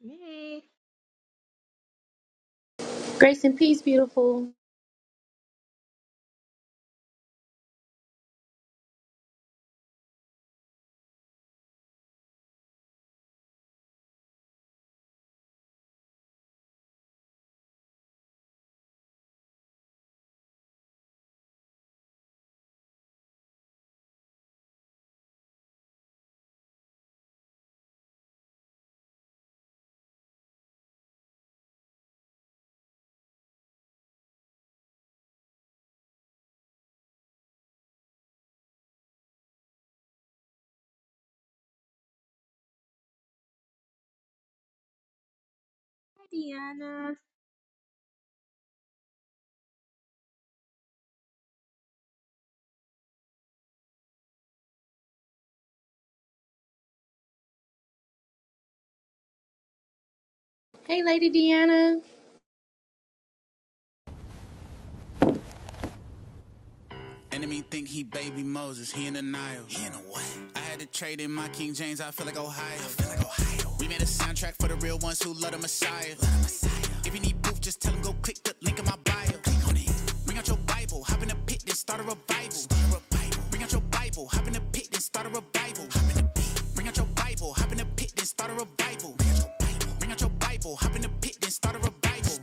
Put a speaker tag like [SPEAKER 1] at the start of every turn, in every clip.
[SPEAKER 1] Hey,
[SPEAKER 2] Grace and peace, beautiful.
[SPEAKER 1] hi Deanna.
[SPEAKER 2] Hey, Lady Deanna.
[SPEAKER 3] Enemy think he baby Moses, he in the Nile. He in the what? I had to trade in my King James, I feel like Ohio. I feel like Ohio. We made a soundtrack for the real ones who love the Messiah. Love the Messiah. If you need proof, just tell him go click the link in my bio. Click on it. Bring out your Bible, hop in the pit, then start a revival. Start a revival. Bring out your Bible, hop in the pit, then start a revival. Hop in Bring out your Bible, hop in the pit, then start a revival. Bring out your Bible, bring out your Bible, hop in the pit, then start a revival.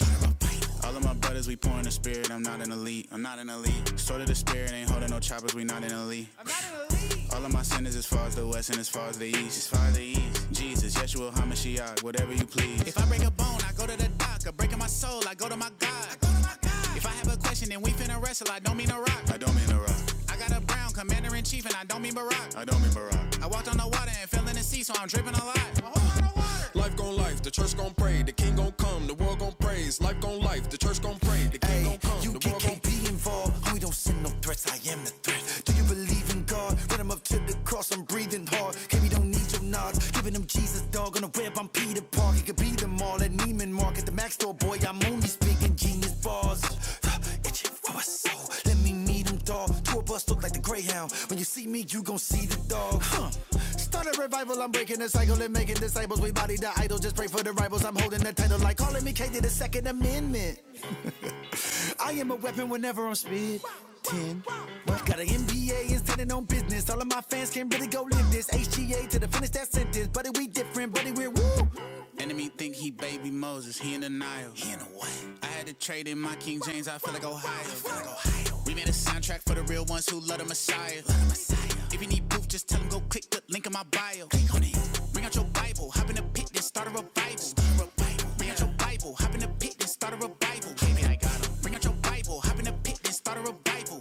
[SPEAKER 3] All of my brothers, we pouring the spirit. I'm not an elite. I'm not an elite. Sort of the spirit, ain't holding no choppers. We not an elite. All of my sinners as far as the west and as far as the east. As far as the east. Jesus, Yeshua, HaMashiach, whatever you please. If I break a bone, I go to the doctor. Breaking my soul, I go to my God. I go to my God. If I have a question, then we finna wrestle. I don't mean a rock. I don't mean a rock. I got a brown commander in chief, and I don't mean Barack. I don't mean Barack. I walked on the water and fell in the sea, so I'm dripping a lot. I walked on the water. Life gon' life, the church gon' pray, the king gon' come, the world gon' praise. Life gon' life, the church gon' pray, the king Hey, gon' come, the world gon' be involved. Oh, We don't send no threats. I am the threat. Do you believe in God? Run him up to the cross. I'm breathing hard. KB don't need your nods. Giving him Jesus, dog. On the web, I'm Peter Park. He could beat them all at Neiman Market. The Mac store boy, I'm only speaking genius bars. Itching for my Let me meet him, dog. Tour bus look like the Greyhound. When you see me, you gon' see the dog. Huh. Start revival, I'm breaking the cycle and making disciples. We body the idol, just pray for the rivals. I'm holding the title like calling me K to the Second Amendment. I am a weapon whenever I'm speed. 10. Got an MBA and standing on business. All of my fans can not really go live this. HGA to the finish that sentence. Buddy, we different, buddy, we're. Enemy think he baby Moses, he in denial. He in the what? I had to trade in my King James, I feel like Ohio. Feel like Ohio. We made a soundtrack for the real ones who love the Messiah. Love the Messiah. If you need proof, just tell him go click the link in my bio. Click on it. Bring out your Bible, hop in the pit, then start a revival. Start a revival. Bring out your Bible, hop in the pit, then start a revival. Baby, I got 'em. Bring out your Bible, hop in the pit, then start a revival start a revival.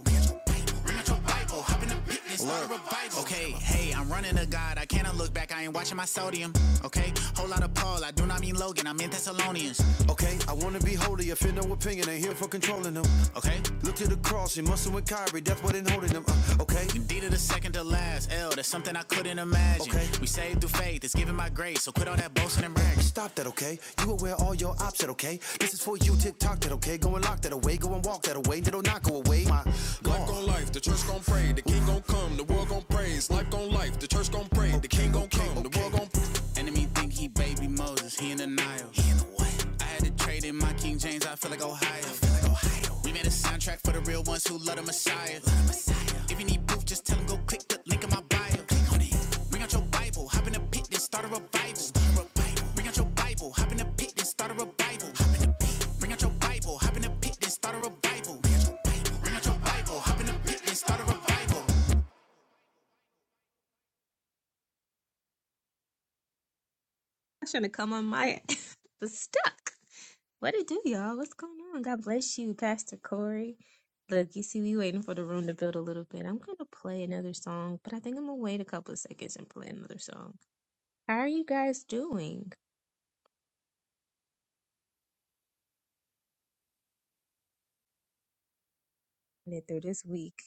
[SPEAKER 3] Okay, hey, I'm running to God. I cannot look back. I ain't watching my sodium. Okay, whole lot of Paul. I do not mean Logan. I mean Thessalonians. Okay, I wanna be holy, offend no opinion, ain't here for controlling them. Okay? Look to the cross, he muscle with Kyrie, that's what ain't holding them. Uh, okay, Indeed, of the second to last. L, that's something I couldn't imagine. Okay. We saved through faith, it's giving my grace. So quit all that boasting and bragging. stop that, okay? You aware all your ops that, okay? This is for you, TikTok that, okay? Go and lock that away, go and walk that away, that'll not go away. My Life God. Life gon' life, the church gon' pray, the king gon' come, the world gon' praise. Life gon' life, the church gon' pray, the king gon' come, the world gon' praise. Enemy think he baby Moses, he in denial. He in the what? I had to trade in my King James, I feel like Ohio. I feel like Ohio. We made a soundtrack for the real ones who love the Messiah. Love the Messiah. If you need proof, just tell him go click the link in my bio. Click on it. Bring out your Bible, hop in the pit, then start a revival. Start a revival. Bring out your Bible, hop in the pit, then start a revival. Hop in the pit. Bring out your
[SPEAKER 1] I should have come on my was stuck. What it do, y'all? What's going on? God bless you, Pastor Corey. Look, you see, we waiting for the room to build a little bit. I'm gonna play another song, but I think I'm gonna wait a couple of seconds and play another song. How are you guys doing? Made it through this week.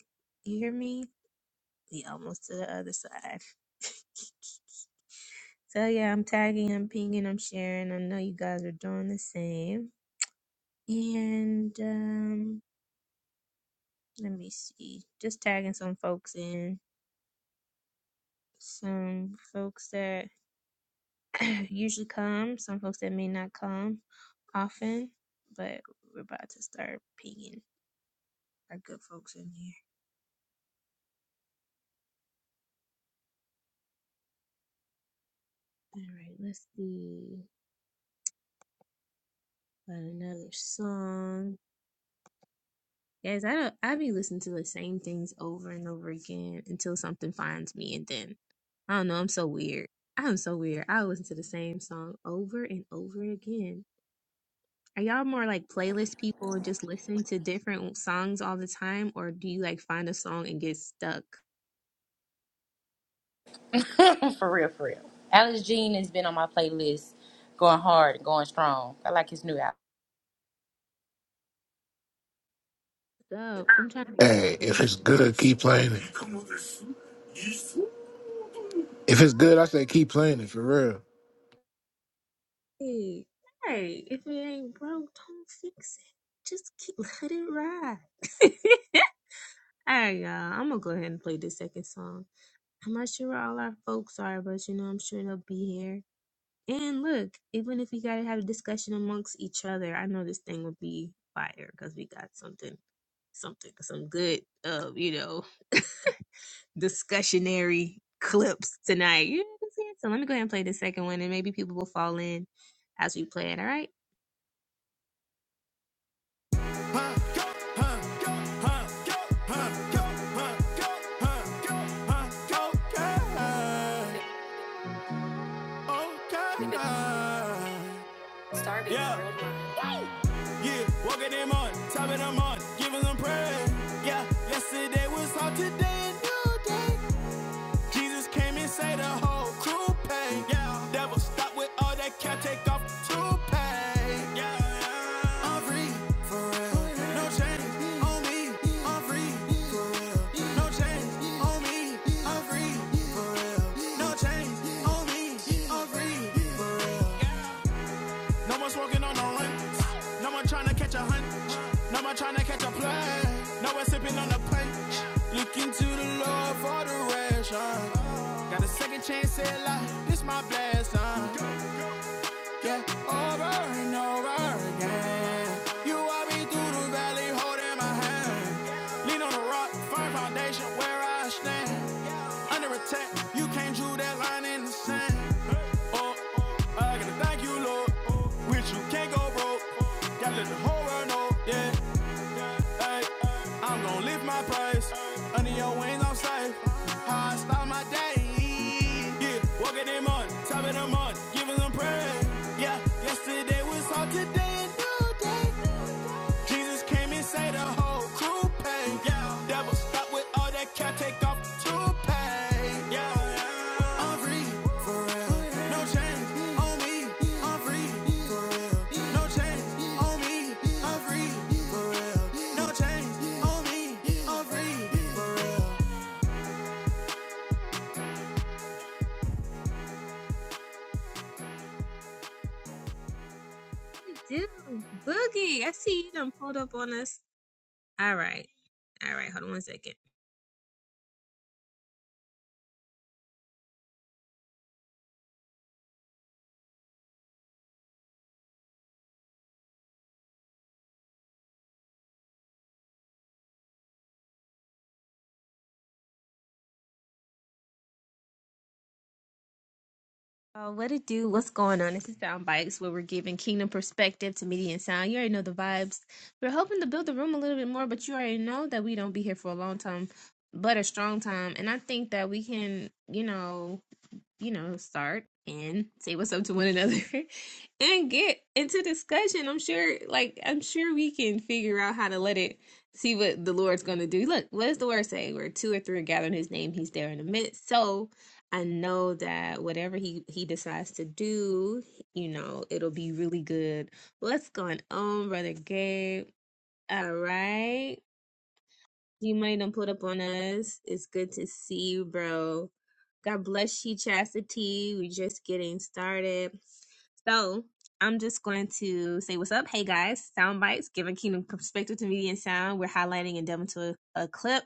[SPEAKER 1] You hear me? We almost to the other side. So yeah, I'm tagging, I'm pinging, I'm sharing. I know you guys are doing the same. And um Let me see. Just tagging some folks in. Some folks that usually come, some folks that may not come often, but we're about to start pinging our good folks in here. All right, let's see about another song. Guys, I don't, I be listening to the same things over and over again until something finds me, and then I don't know. I'm so weird. I'm so weird. I listen to the same song over and over again Are y'all more like playlist people and just listen to different songs all the time, or do you like find a song and get stuck?
[SPEAKER 2] Mm, for real, for real. Alice Jean has been on my playlist, going hard and going strong. I like his new album.
[SPEAKER 1] So I'm trying to
[SPEAKER 4] Hey,
[SPEAKER 1] dance.
[SPEAKER 4] if it's good, keep playing it. If it's good, I say keep playing it for real.
[SPEAKER 1] Hey, hey, if it ain't broke, don't fix it. Just keep let it ride. Alright, y'all. I'm gonna go ahead and play this second song. I'm not sure where all our folks are, but you know, I'm sure they'll be here. And look, even if we gotta have a discussion amongst each other, I know this thing will be fire because we got something something some good uh you know discussionary clips tonight. You know what I'm saying? So let me go ahead and play the second one and maybe people will fall in as we play it. All right.
[SPEAKER 3] Huh, go, huh, go, huh, go, huh, go, huh, go, huh, go, huh, go, okay, okay. Starbucks Yeah, yeah, woke them on, top of them on, giving them praise. Yeah, yesterday was hot, today a new day. Jesus came and saved the whole crew pain. Yeah, devil stop with all that cat, take off the toupee. Yeah, I'm free, no chains on me. I'm free, no chains on me. I'm free, no chains on me. I'm free. No one's walking on no rings. No one trying to catch a hunch, No one trying to catch a play. No one sipping on a punch. Looking to the Lord for the ration. Got a second chance at life. This my blessing yeah, over and over again. You walk me through the valley, holding my hand. Lean on the rock, firm foundation where I stand. Under attack, you can't drew that line in the sand. Oh, I gotta thank you, Lord. With you can't go broke. Gotta let the whole world know, yeah. Ayy, I'm gon' lift my price. Under your wings, I'm safe. How I start my day. Yeah, walk in the morning, top of the morning, giving them praise. Yeah, yesterday was all today and new day. Jesus came and saved the whole crew pay. Yeah, devil stop with all that cap, take off the toupee. Yeah, I'm free, for No chains on me, I'm free. No chains on me, I'm free. No chains on me, I'm free.
[SPEAKER 1] What it do? Boogie. I see you done pulled up on us. All right. All right. Hold on one second. Uh, what it do? What's going on? This is Sound Bites, where we're giving kingdom perspective to media and sound. You already know the vibes. We're hoping to build the room a little bit more, but you already know that we don't be here for a long time, but a strong time. And I think that we can, you know, you know, start and say what's up to one another and get into discussion. I'm sure, like, I'm sure we can figure out how to let it see what the Lord's going to do. Look, what does the word say? Where two or three are gathered in his name, he's there in a minute. So I know that whatever he, he decides to do, you know, it'll be really good. What's going on, Brother Gabe? All right. You might have put up on us. It's good to see you, bro. God bless you, Chastity. We're just getting started. So I'm just going to say what's up. Hey guys, sound bites, giving kingdom perspective to media and sound. We're highlighting and delving to a, a clip.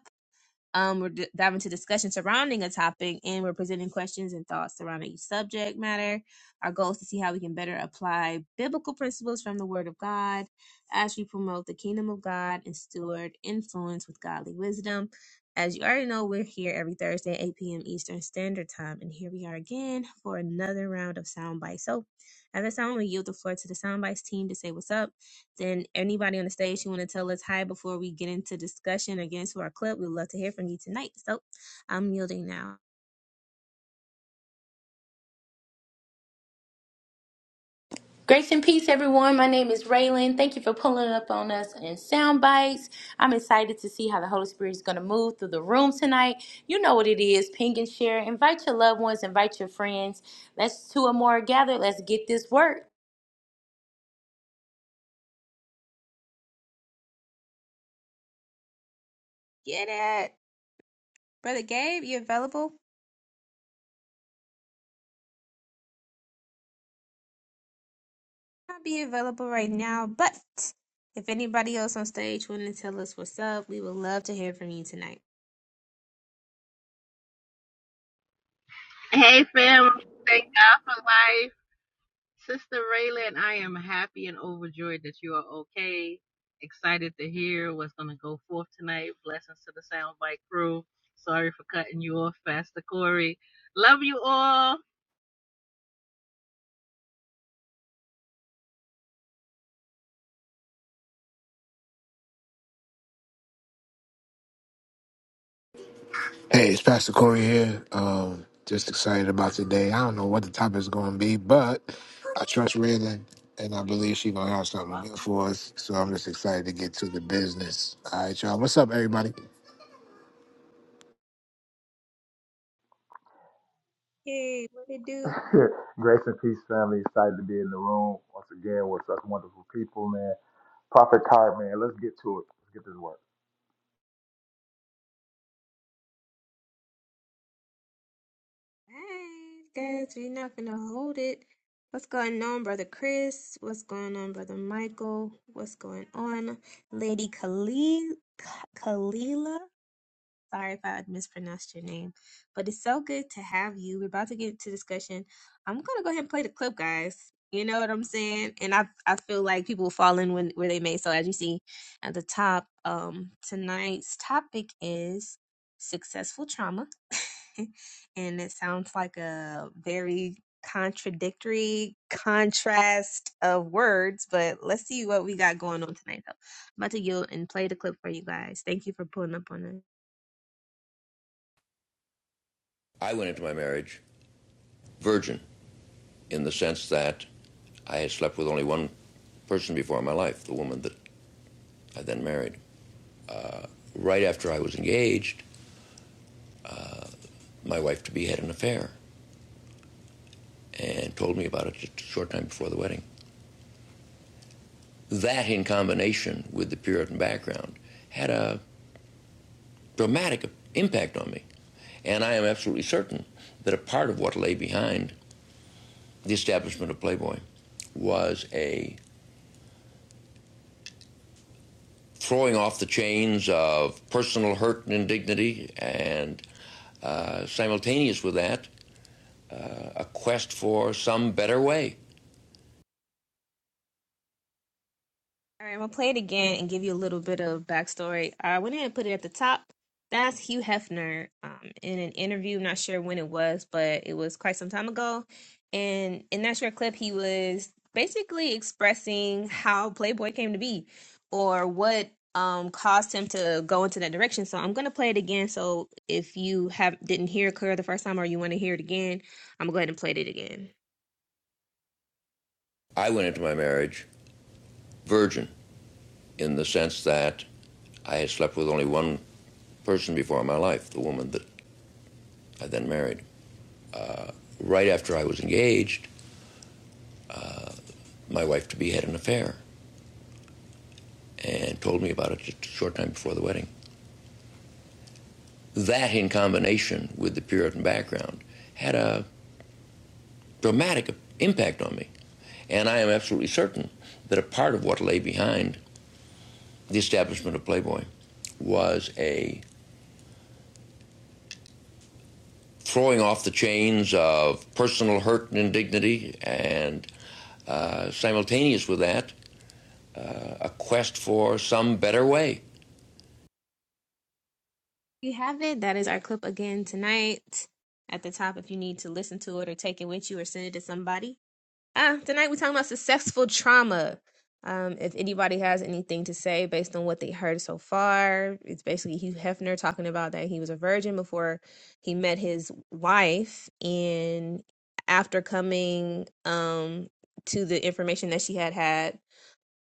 [SPEAKER 1] Um, we're d- diving into discussion surrounding a topic and we're presenting questions and thoughts surrounding each subject matter. Our goal is to see how we can better apply biblical principles from the Word of God as we promote the kingdom of God and steward influence with godly wisdom. As you already know, we're here every Thursday at 8 p.m. Eastern Standard Time, and here we are again for another round of soundbites. So, at this time, I'm going to yield the floor to the soundbites team to say what's up then anybody on the stage who want to tell us hi before we get into discussion or get into our clip, we'd love to hear from you tonight. So I'm yielding now.
[SPEAKER 2] Grace and peace, everyone. My name is Raylan. Thank you for pulling up on us in sound bites. I'm excited to see how the Holy Spirit is going to move through the room tonight. You know what it is. Ping and share. Invite your loved ones. Invite your friends. Let's two or more gather. Let's get this work.
[SPEAKER 1] Get it. Brother Gabe, you available? I'll be available right now, but if anybody else on stage want to tell us what's up, we would love to hear from you tonight.
[SPEAKER 5] Hey fam, thank God for life. Sister Raylan, I am happy and overjoyed that you are okay. Excited to hear what's gonna go forth tonight. Blessings to the soundbite crew. Sorry for cutting you off, Pastor Corey. Love you all.
[SPEAKER 4] Hey, it's Pastor Corey here. Um, just excited about today. I don't know what the topic is going to be, but I trust Raylan, and I believe she's going to have something good for us. So I'm just excited to get to the business. All right, y'all. What's up, everybody?
[SPEAKER 1] Hey, what it do?
[SPEAKER 6] Grace and peace, family. Excited to be in the room once again with such wonderful people, man. Prophet Card, man. Let's get to it. Let's get this work.
[SPEAKER 1] Hey, guys, we're not gonna hold it. What's going on, brother Chris? What's going on, brother Michael? What's going on, Lady Khalil? Khalila? Sorry if I mispronounced your name, but it's so good to have you. We're about to get into discussion. I'm gonna go ahead and play the clip, guys. You know what I'm saying? And I I feel like people will fall in when where they may. So as you see at the top, um, tonight's topic is successful trauma, and it sounds like a very contradictory contrast of words, but let's see what we got going on tonight though. I'm about to yield and play the clip for you guys. Thank you for pulling up on us.
[SPEAKER 3] I went into my marriage virgin in the sense that I had slept with only one person before in my life, the woman that I then married. Right after I was engaged, my wife to be had an affair and told me about it just a short time before the wedding. That, in combination with the Puritan background, had a dramatic impact on me. And I am absolutely certain that a part of what lay behind the establishment of Playboy was a throwing off the chains of personal hurt and indignity, and uh, simultaneous with that, a quest for some better way.
[SPEAKER 1] All right, I'm gonna play it again and give you a little bit of backstory. I went ahead and put it at the top. That's Hugh Hefner um, in an interview. I'm not sure when it was, but it was quite some time ago. And in that short clip, he was basically expressing how Playboy came to be, or what um, caused him to go into that direction. So I'm gonna play it again. So if you have didn't hear it clear the first time, or you want to hear it again, I'm gonna go ahead and play it again.
[SPEAKER 3] I went into my marriage virgin in the sense that I had slept with only one person before in my life, the woman that I then married. Right after I was engaged, my wife to be had an affair and told me about it just a short time before the wedding. That, in combination with the Puritan background, had a dramatic impact on me. And I am absolutely certain that a part of what lay behind the establishment of Playboy was a throwing off the chains of personal hurt and indignity, and uh, simultaneous with that, a quest for some better way.
[SPEAKER 1] you have it. That is our clip again tonight at the top if you need to listen to it or take it with you or send it to somebody. Uh, tonight we're talking about successful trauma. Um, if anybody has anything to say based on what they heard so far, it's basically Hugh Hefner talking about that he was a virgin before he met his wife. And after coming um, to the information that she had had,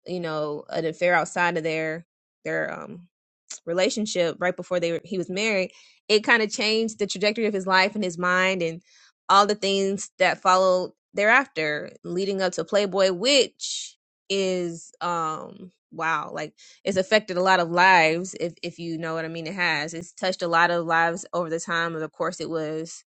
[SPEAKER 1] you know, an affair outside of their, their um, last relationship right before they were, he was married it kind of changed the trajectory of his life and his mind and all the things that followed thereafter leading up to playboy which is um wow like it's affected a lot of lives if if you know what i mean it has it's touched a lot of lives over the time of the course it was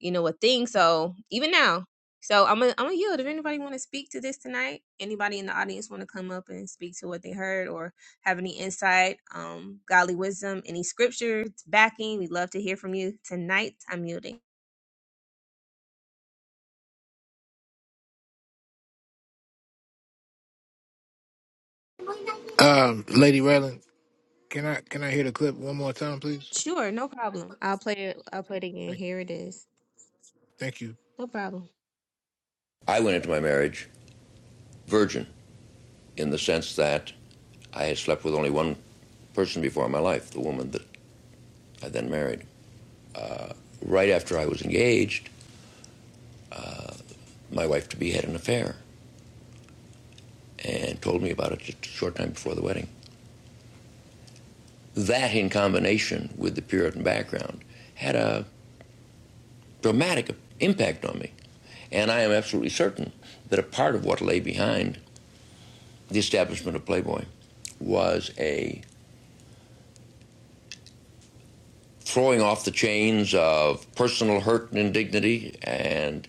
[SPEAKER 1] you know, a thing. So even now, so I'm gonna I'm gonna yield. If anybody want to speak to this tonight, anybody in the audience want to come up and speak to what they heard or have any insight, um, godly wisdom, any scriptures backing, we'd love to hear from you tonight. I'm yielding.
[SPEAKER 4] Um, Lady Raylan, can I can I hear the clip one more time, please?
[SPEAKER 1] Sure, no problem. I'll play it. I'll play it again.
[SPEAKER 4] Thank,
[SPEAKER 1] Here it is.
[SPEAKER 4] thank you.
[SPEAKER 1] No problem.
[SPEAKER 3] I went into my marriage virgin in the sense that I had slept with only one person before in my life, the woman that I then married. Right after I was engaged, my wife to be had an affair and told me about it just a short time before the wedding. That, in combination with the Puritan background, had a dramatic impact on me. And I am absolutely certain that a part of what lay behind the establishment of Playboy was a throwing off the chains of personal hurt and indignity, and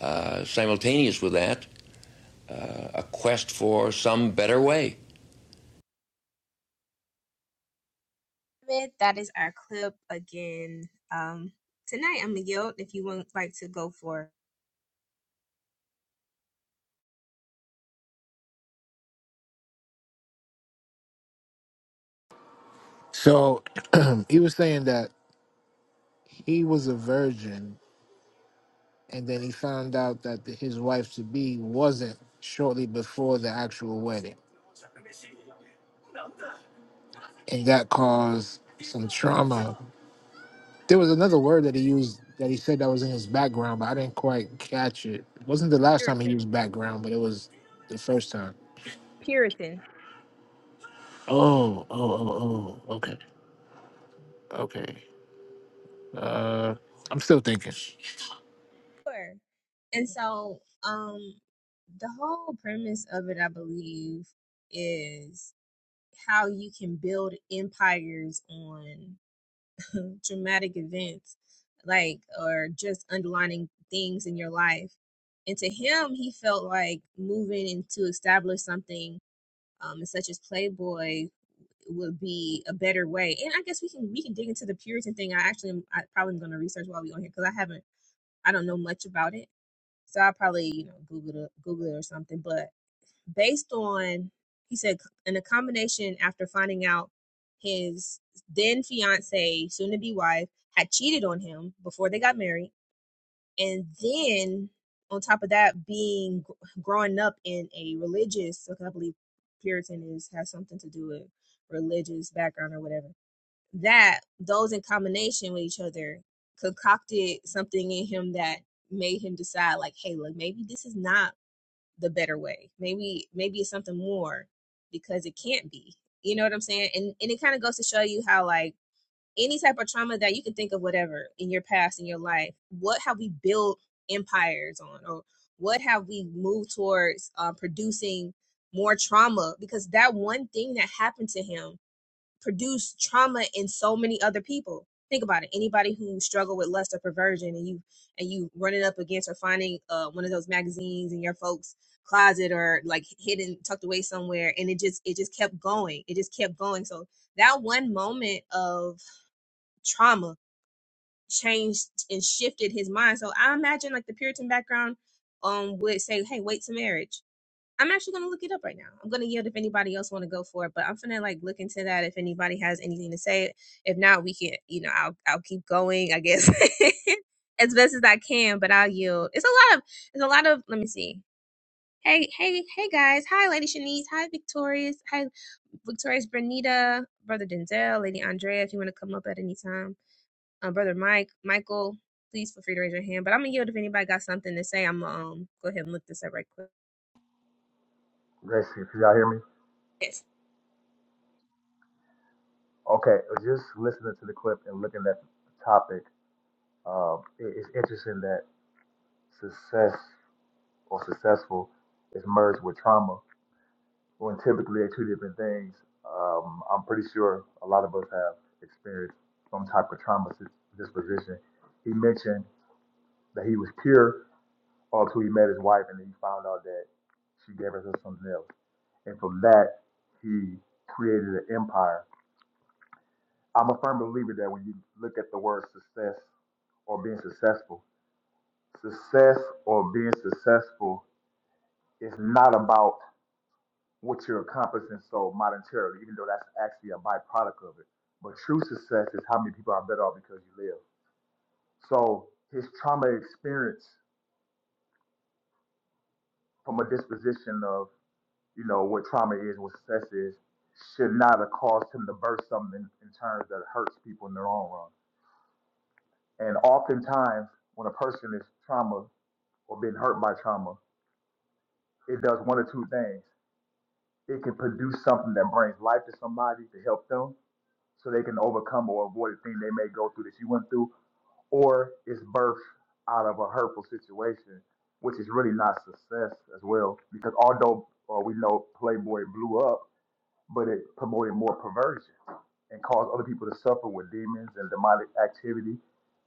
[SPEAKER 3] uh, simultaneous with that, a quest for some better way.
[SPEAKER 1] Ahmed, That is our clip again. Um, tonight I'm gonna yield. If you would like to go for
[SPEAKER 4] So he was saying that he was a virgin and then he found out that the, his wife to be wasn't shortly before the actual wedding, and that caused some trauma. There was another word that he used that he said that was in his background, but I didn't quite catch it. It wasn't the last time he
[SPEAKER 1] Puritan,
[SPEAKER 4] used background, but it was the first time.
[SPEAKER 1] Puritan,
[SPEAKER 4] Oh, oh, oh, oh. Okay, okay. Uh, I'm still thinking.
[SPEAKER 1] sure. And so, um. the whole premise of it, I believe, is how you can build empires on dramatic events, like, or just underlining things in your life. And to him, he felt like moving and to establish something um, such as Playboy would be a better way. And I guess we can we can dig into the Puritan thing. I actually am, I probably am going to research while we on here because I haven't I don't know much about it. So I'll probably you know Google it, Google it or something. But based on he said in a combination after finding out his then fiance soon to be wife had cheated on him before they got married and then on top of that being growing up in a religious okay, i believe puritan is has something to do with religious background or whatever that those in combination with each other concocted something in him that made him decide like hey look maybe this is not the better way. Maybe maybe it's something more because it can't be. You know what I'm saying? And and it kind of goes to show you how like any type of trauma that you can think of whatever in your past in your life, what have we built empires on or what have we moved towards uh, producing more trauma because that one thing that happened to him produce trauma in so many other people. Think about it. Anybody who struggle with lust or perversion, and you and you running up against or finding uh, one of those magazines in your folks' closet or like hidden, tucked away somewhere, and it just it just kept going. It just kept going. So that one moment of trauma changed and shifted his mind. So I imagine like the Puritan background um would say, "Hey, wait to marriage." I'm actually gonna look it up right now. I'm gonna yield if anybody else want to go for it, but I'm gonna like look into that if anybody has anything to say. If not, we can, you know, I'll I'll keep going, I guess, as best as I can. But I'll yield. It's a lot of it's a lot of. Let me see. Hey, hey, hey, guys. Hi, Lady Shanice. Hi, Victorious. Hi, Victorious Bernita, Brother Denzel, Lady Andrea. If you want to come up at any time, um, Brother Mike, Michael, please feel free to raise your hand. But I'm gonna yield if anybody got something to say. I'm um, go ahead and look this up right quick.
[SPEAKER 6] Grace, can y'all hear me?
[SPEAKER 1] Yes.
[SPEAKER 6] Okay, uh, just listening to the clip and looking at the topic, um, it- it's interesting that success or successful is merged with trauma when typically they're two different things. Um, I'm pretty sure a lot of us have experienced some type of trauma dis- disposition. He mentioned that he was pure or till he met his wife and then he found out that she gave her something else. And from that, he created an empire. I'm a firm believer that when you look at the word success or being successful, success or being successful is not about what you're accomplishing so monetarily, even though that's actually a byproduct of it. But true success is how many people are better off because you live. So his trauma experience from a disposition of you know, what trauma is, what success is, should not have caused him to burst something in terms that hurts people in the long run. And oftentimes, when a person is trauma or been hurt by trauma, it does one or two things. It can produce something that brings life to somebody to help them so they can overcome or avoid the thing they may go through that you went through, or it's birth out of a hurtful situation, which is really not success as well. Because although uh, we know Playboy blew up, but it promoted more perversion and caused other people to suffer with demons and demonic activity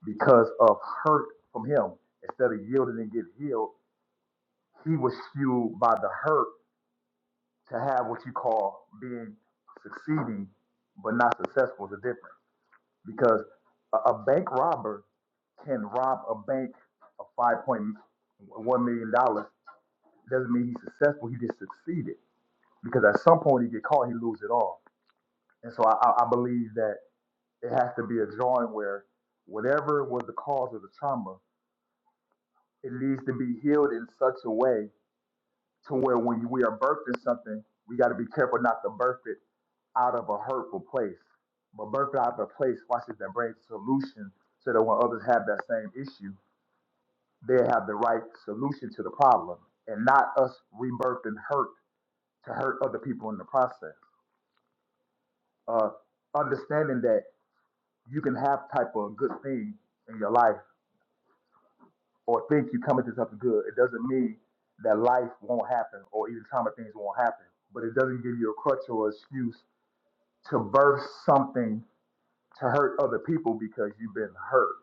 [SPEAKER 6] because of hurt from him. Instead of yielding and getting healed, he was fueled by the hurt to have what you call being succeeding but not successful is a difference because a, a bank robber can rob a bank of five point one million dollars doesn't mean he's successful. He just succeeded because at some point he get caught, he lose it all. And so I I believe that It has to be a drawing where whatever was the cause of the trauma, it needs to be healed in such a way to where when we are birthing something, we got to be careful not to birth it out of a hurtful place, but birth it out of a place, watch this, that brings solution so that when others have that same issue, they have the right solution to the problem and not us rebirthing hurt to hurt other people in the process. Uh, understanding that you can have type of good thing in your life or think you're coming to something good, it doesn't mean that life won't happen or even time of things won't happen. But it doesn't give you a crutch or excuse to birth something to hurt other people because you've been hurt.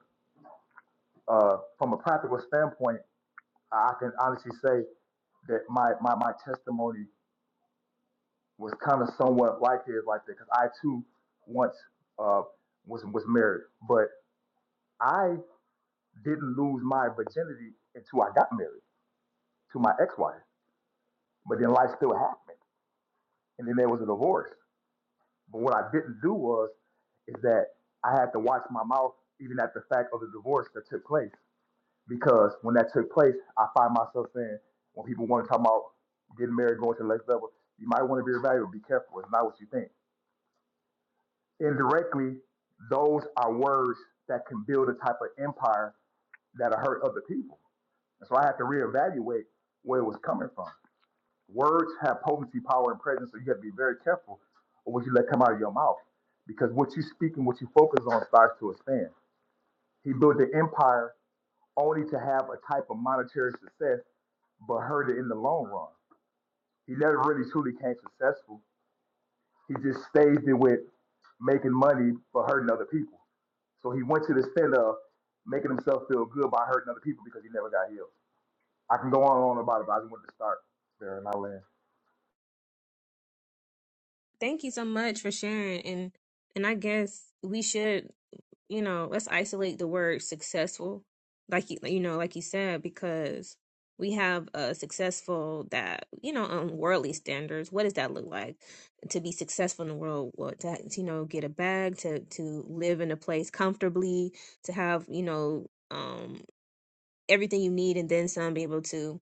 [SPEAKER 6] Uh, from a practical standpoint, I can honestly say that my, my, my testimony was kind of somewhat like his, like that, because I too once uh, was was married, but I didn't lose my virginity until I got married to my ex-wife. But then life still happened and then there was a divorce. But what I didn't do was is that I had to watch my mouth even at the fact of the divorce that took place. Because when that took place, I find myself saying, when people want to talk about getting married, going to the next level, you might want to be evaluated. Be careful. It's not what you think. Indirectly, those are words that can build a type of empire that'll hurt other people. And so I had to reevaluate where it was coming from. Words have potency, power, and presence, so you have to be very careful of what you let come out of your mouth. Because what you speak and what you focus on starts to expand. He built the empire only to have a type of monetary success, but hurt it in the long run. He never really truly came successful. He just staged it with making money but hurting other people. So he went to the extent of making himself feel good by hurting other people because he never got healed. I can go on and on about it, but I just wanted to start there in my land.
[SPEAKER 1] Thank you so much for sharing. And and I guess we should, you know, let's isolate the word successful, like you, you know, like you said, because we have a successful that you know on worldly standards. What does that look like to be successful in the world? What to you know get a bag, to to live in a place comfortably, to have you know um everything you need and then some, be able to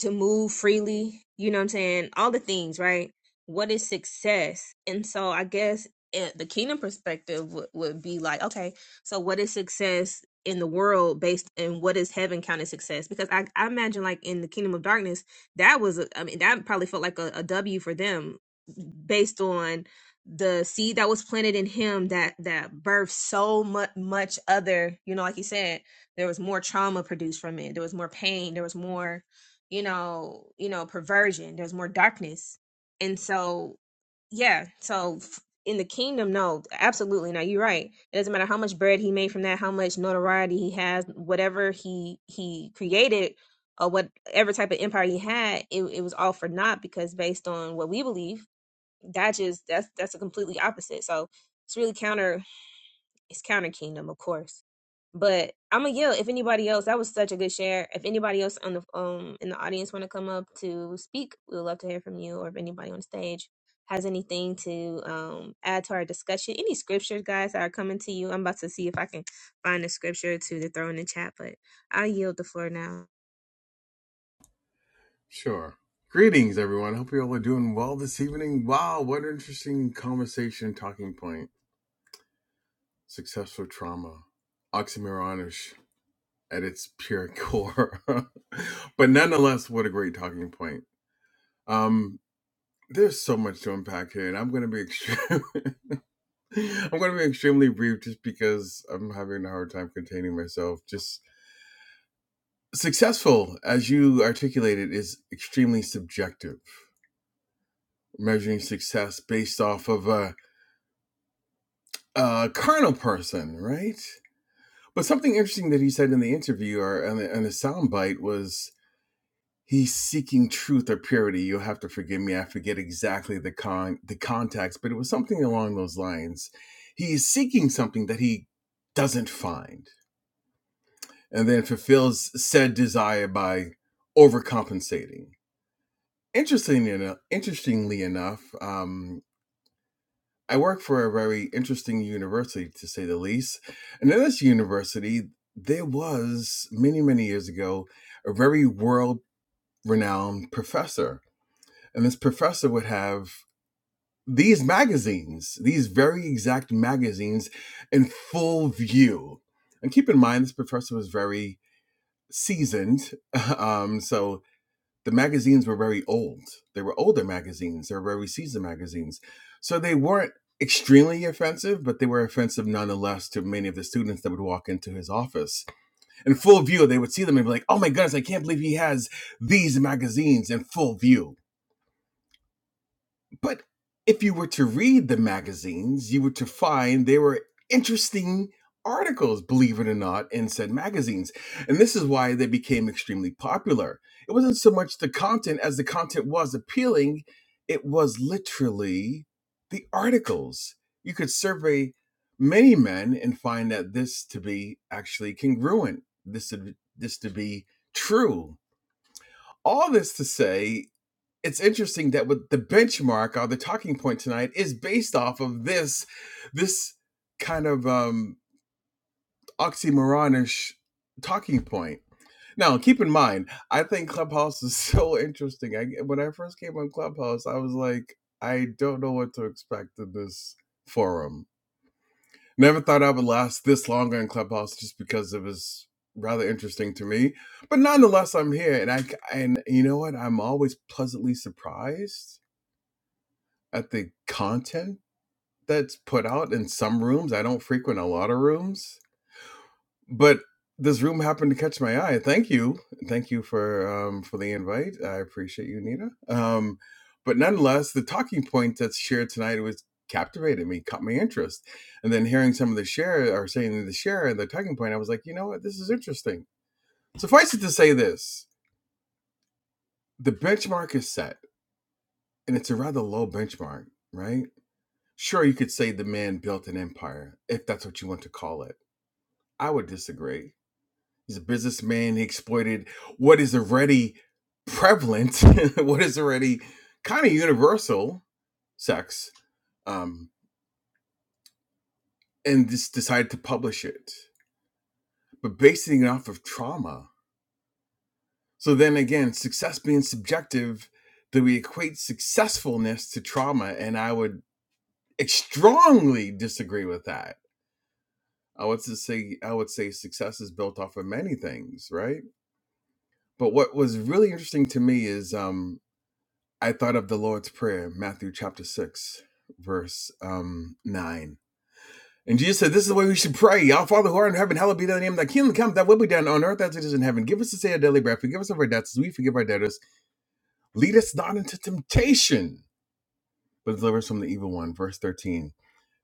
[SPEAKER 1] to move freely, you know what I'm saying? All the things, right? What is success? And so I guess it, the kingdom perspective would would be like, okay, so what is success in the world based and what is heaven counted success? Because I, I imagine like in the kingdom of darkness, that was, a, I mean, that probably felt like a, a W for them based on the seed that was planted in him that that birthed so much much other you know like you said there was more trauma produced from it there was more pain there was more you know, you know, perversion. There's more darkness, and so yeah. So f- in the kingdom, no, absolutely not. You're right. It doesn't matter how much bread he made from that, how much notoriety he has, whatever he he created, or whatever type of empire he had, it it was all for naught because based on what we believe, that just that's that's a completely opposite. So it's really counter. It's Counter Kingdom, of course. But I'm gonna yell if anybody else. That was such a good share. If anybody else on the um in the audience want to come up to speak, we would love to hear from you. Or if anybody on stage has anything to um add to our discussion, any scriptures, guys, that are coming to you. I'm about to see if I can find a scripture to, to throw in the chat, but I yield the floor now.
[SPEAKER 7] Sure. Greetings, everyone. Hope you all are doing well this evening. Wow, what an interesting conversation talking point. Successful trauma, oxymoronish at its pure core, but nonetheless, what a great talking point. Um, there's so much to unpack here, and I'm going to be extreme. I'm going to be extremely brief, just because I'm having a hard time containing myself. Just successful, as you articulated, is extremely subjective. Measuring success based off of a uh, uh, carnal person, right? But something interesting that he said in the interview or in the, in the soundbite was he's seeking truth or purity. You'll have to forgive me. I forget exactly the con the context, but it was something along those lines. He is seeking something that he doesn't find, and then fulfills said desire by overcompensating. Interestingly enough, interestingly enough, um, I work for a very interesting university, to say the least. And in this university, there was many, many years ago a very world renowned professor. And this professor would have these magazines, these very exact magazines in full view. And keep in mind, this professor was very seasoned. Um, so the magazines were very old. They were older magazines. They were very seasoned magazines. So they weren't extremely offensive, but they were offensive nonetheless to many of the students that would walk into his office. In full view, they would see them and be like, oh my goodness, I can't believe he has these magazines in full view but if you were to read the magazines, you were to find they were interesting articles, believe it or not, in said magazines. And this is why they became extremely popular. It wasn't so much the content as the content was appealing, it was literally the articles. You could survey many men and find that this to be actually congruent, this to, this to be true. All this to say it's interesting that with the benchmark or the talking point tonight is based off of this this kind of um oxymoronish talking point now keep in mind i think clubhouse is so interesting I, when i first came on clubhouse i was like i don't know what to expect in this forum never thought i would last this long on clubhouse just because it was rather interesting to me but nonetheless i'm here and i and you know what i'm always pleasantly surprised at the content that's put out in some rooms. I don't frequent a lot of rooms, but this room happened to catch my eye. Thank you, thank you for um, for the invite. I appreciate you, Nita. Um, but nonetheless, the talking point that's shared tonight was captivated me, caught my interest, and then hearing some of the share or saying the share and the talking point, I was like, you know what, this is interesting. Suffice it to say, this the benchmark is set, and it's a rather low benchmark, right? Sure, you could say the man built an empire, if that's what you want to call it. I would disagree. He's a businessman. He exploited what is already prevalent, what is already kind of universal sex, um, and just decided to publish it, but basing it off of trauma. So then again, success being subjective, that we equate successfulness to trauma, and I would strongly disagree with that I would just say I would say success is built off of many things, right? But what was really interesting to me is um, I thought of the Lord's Prayer, Matthew chapter six, verse um, nine. And Jesus said, This is the way we should pray. Our Father who art in heaven, hallowed be thy name, thy kingdom come, thy will be done on earth as it is in heaven. Give us this day our daily bread, forgive us of our debts, as we forgive our debtors. Lead us not into temptation, but deliver us from the evil one. Verse 13.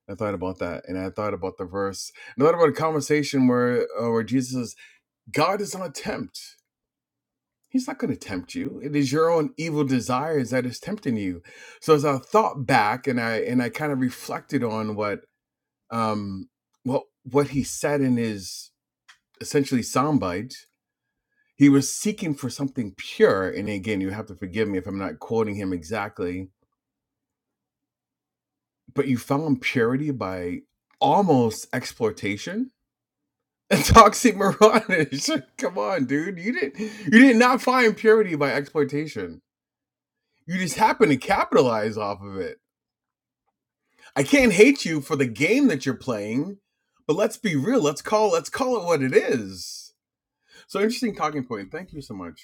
[SPEAKER 7] I thought about that, and I thought about the verse, and I thought about a conversation where uh, where Jesus says, God is not tempt. He's not going to tempt you. It is your own evil desires that is tempting you. So as I thought back and I and I kind of reflected on what um what what he said in his essentially soundbite, he was seeking for something pure. And again, you have to forgive me if I'm not quoting him exactly, but you found purity by almost exploitation. It's oxymoronic. Come on, dude. You didn't you did not find purity by exploitation You just happen to capitalize off of it. I can't hate you for the game that you're playing, but let's be real. Let's call let's call it what it is. So interesting talking point. Thank you so much.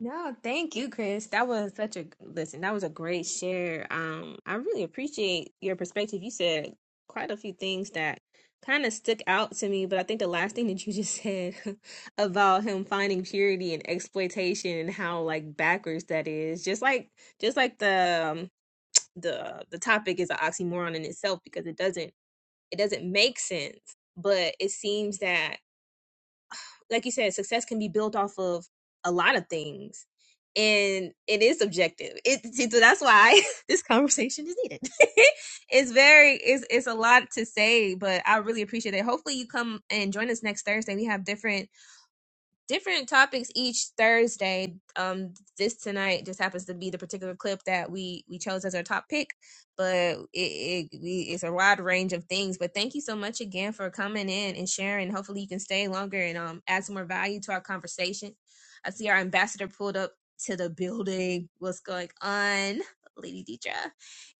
[SPEAKER 1] No, thank you, Chris. That was such a listen. That was a great share. Um, I really appreciate your perspective. You said quite a few things that kind of stuck out to me, but I think the last thing that you just said about him finding purity and exploitation and how like backwards that is, just like just like the um, the the topic is an oxymoron in itself because it doesn't it doesn't make sense, but it seems that like you said, success can be built off of a lot of things. And it is subjective. It see, so that's why this conversation is needed. it's very it's it's a lot to say, but I really appreciate it. Hopefully you come and join us next Thursday. We have different different topics each Thursday. Um, this tonight just happens to be the particular clip that we we chose as our top pick, but it, it we, it's a wide range of things. But thank you so much again for coming in and sharing. Hopefully, you can stay longer and um add some more value to our conversation. I see our ambassador pulled up to the building. What's going on, Lady Deidre?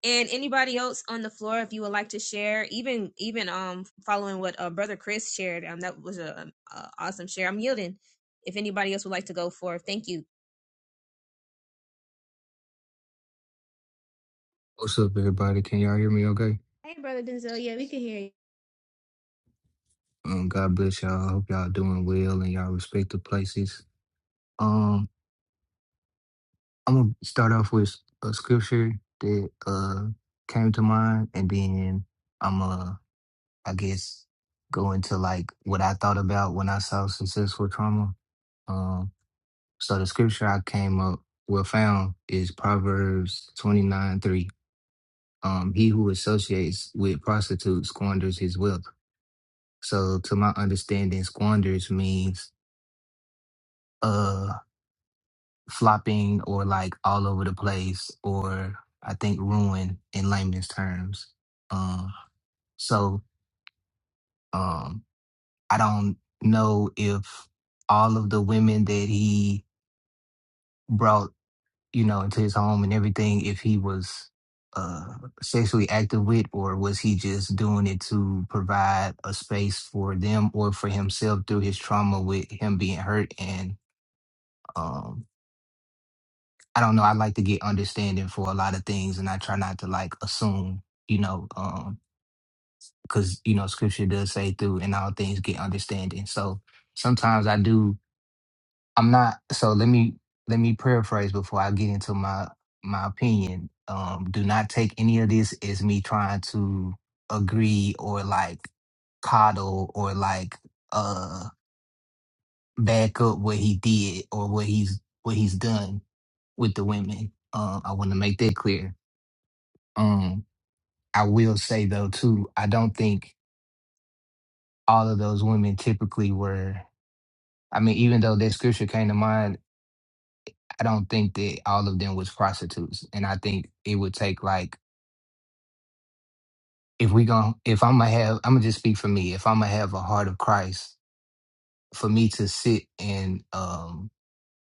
[SPEAKER 1] and anybody else on the floor if you would like to share even even um following what uh, brother chris shared um that was a, um, a awesome share i'm yielding if anybody else would like to go for. Thank you.
[SPEAKER 8] What's up, everybody? Can y'all hear me okay?
[SPEAKER 1] Hey, Brother Denzel. Yeah, we can hear you.
[SPEAKER 8] Um, God bless y'all. I hope y'all doing well and y'all respective places. Um, I'm gonna start off with a scripture that uh came to mind, and then I'm uh I guess go into like what I thought about when I saw successful trauma. Um, so the scripture I came up well found is Proverbs 29 3. Um, he who associates with prostitutes squanders his wealth So to my understanding, squanders means uh flopping or like all over the place or I think ruin in layman's terms. Um so um I don't know if all of the women that he brought, you know, into his home and everything, if he was uh sexually active with or was he just doing it to provide a space for them or for himself through his trauma with him being hurt and um. I don't know. I like to get understanding for a lot of things, and I try not to like assume, you know, um, because you know Scripture does say through and all things get understanding. So sometimes I do. I'm not. So let me let me paraphrase before I get into my my opinion. Um, do not take any of this as me trying to agree or like coddle or like uh back up what he did or what he's what he's done with the women. Um, I want to make that clear Um, I will say though too, I don't think all of those women typically were. I mean, even though that scripture came to mind, I don't think that all of them was prostitutes. And I think it would take like if we gon' if I'm gonna have, I'm gonna just speak for me. If I'm gonna have a heart of Christ, for me to sit and um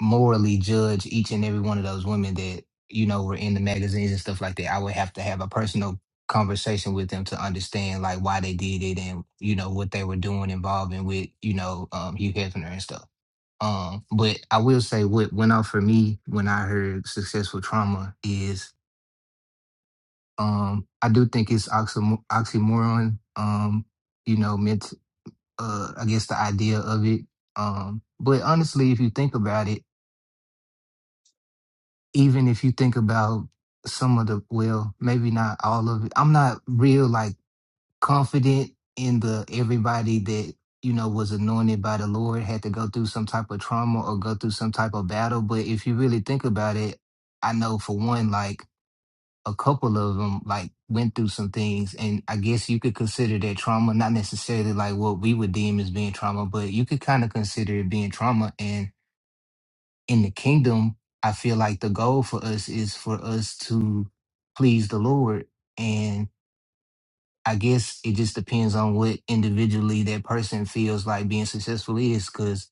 [SPEAKER 8] morally judge each and every one of those women that you know were in the magazines and stuff like that. I would have to have a personal conversation with them to understand like why they did it and you know what they were doing involving with you know um, Hugh Hefner and stuff. Um, but I will say what went off for me when I heard successful trauma is um, I do think it's oxymo- oxymoron. Um, you know, meant uh, I guess the idea of it. Um, but honestly, if you think about it even if you think about some of the well, maybe not all of it. I'm not real like confident in the everybody that you know was anointed by the Lord had to go through some type of trauma or go through some type of battle. But if you really think about it, I know for one, like a couple of them like went through some things and i guess you could consider that trauma not necessarily like what we would deem as being trauma but you could kind of consider it being trauma and in the kingdom, I feel like the goal for us is for us to please the Lord. And I guess it just depends on what individually that person feels like being successful is. Cause,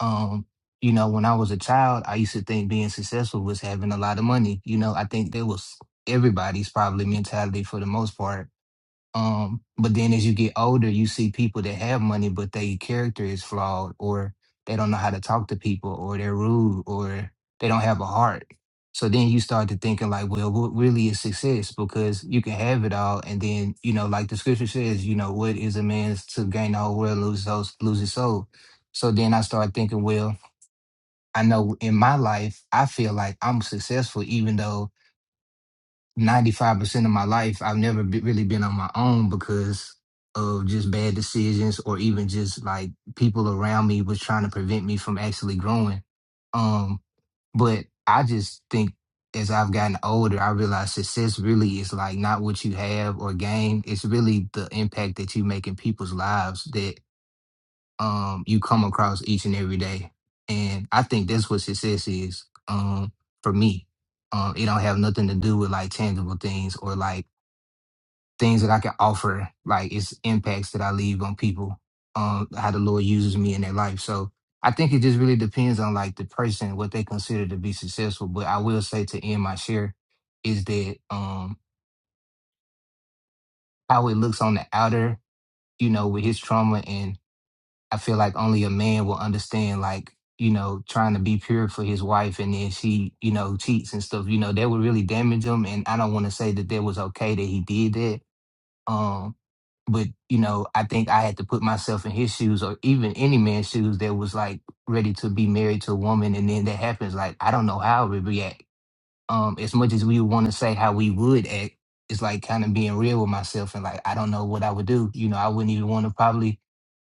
[SPEAKER 8] um, you know, when I was a child, I used to think being successful was having a lot of money. You know, I think that was everybody's probably mentality for the most part um, but then as you get older, you see people that have money, but their character is flawed, or they don't know how to talk to people, or they're rude, or they don't have a heart. So then you start to thinking like, well, what really is success? Because you can have it all, and then you know, like the scripture says, you know, what is a man's to gain the whole world, lose those, lose his soul. So then I start thinking, well, I know in my life, I feel like I'm successful, even though 95% of my life, I've never be, really been on my own because of just bad decisions or even just like people around me was trying to prevent me from actually growing. Um, but I just think as I've gotten older, I realize success really is like not what you have or gain. It's really the impact that you make in people's lives that um, you come across each and every day. And I think that's what success is um, for me. Um, it don't have nothing to do with like tangible things or like things that I can offer. Like it's impacts that I leave on people, um, how the Lord uses me in their life. So I think it just really depends on like the person, what they consider to be successful. But I will say to end my share is that um, how it looks on the outer, you know, with his trauma and I feel like only a man will understand, like, you know, trying to be pure for his wife and then she, you know, cheats and stuff, you know, that would really damage him. And I don't want to say that that was okay that he did that. Um, but, you know, I think I had to put myself in his shoes or even any man's shoes that was like ready to be married to a woman. And then that happens. Like, I don't know how I would react um as much as we want to say how we would act it's like kind of being real with myself and like i don't know what i would do you know i wouldn't even want to probably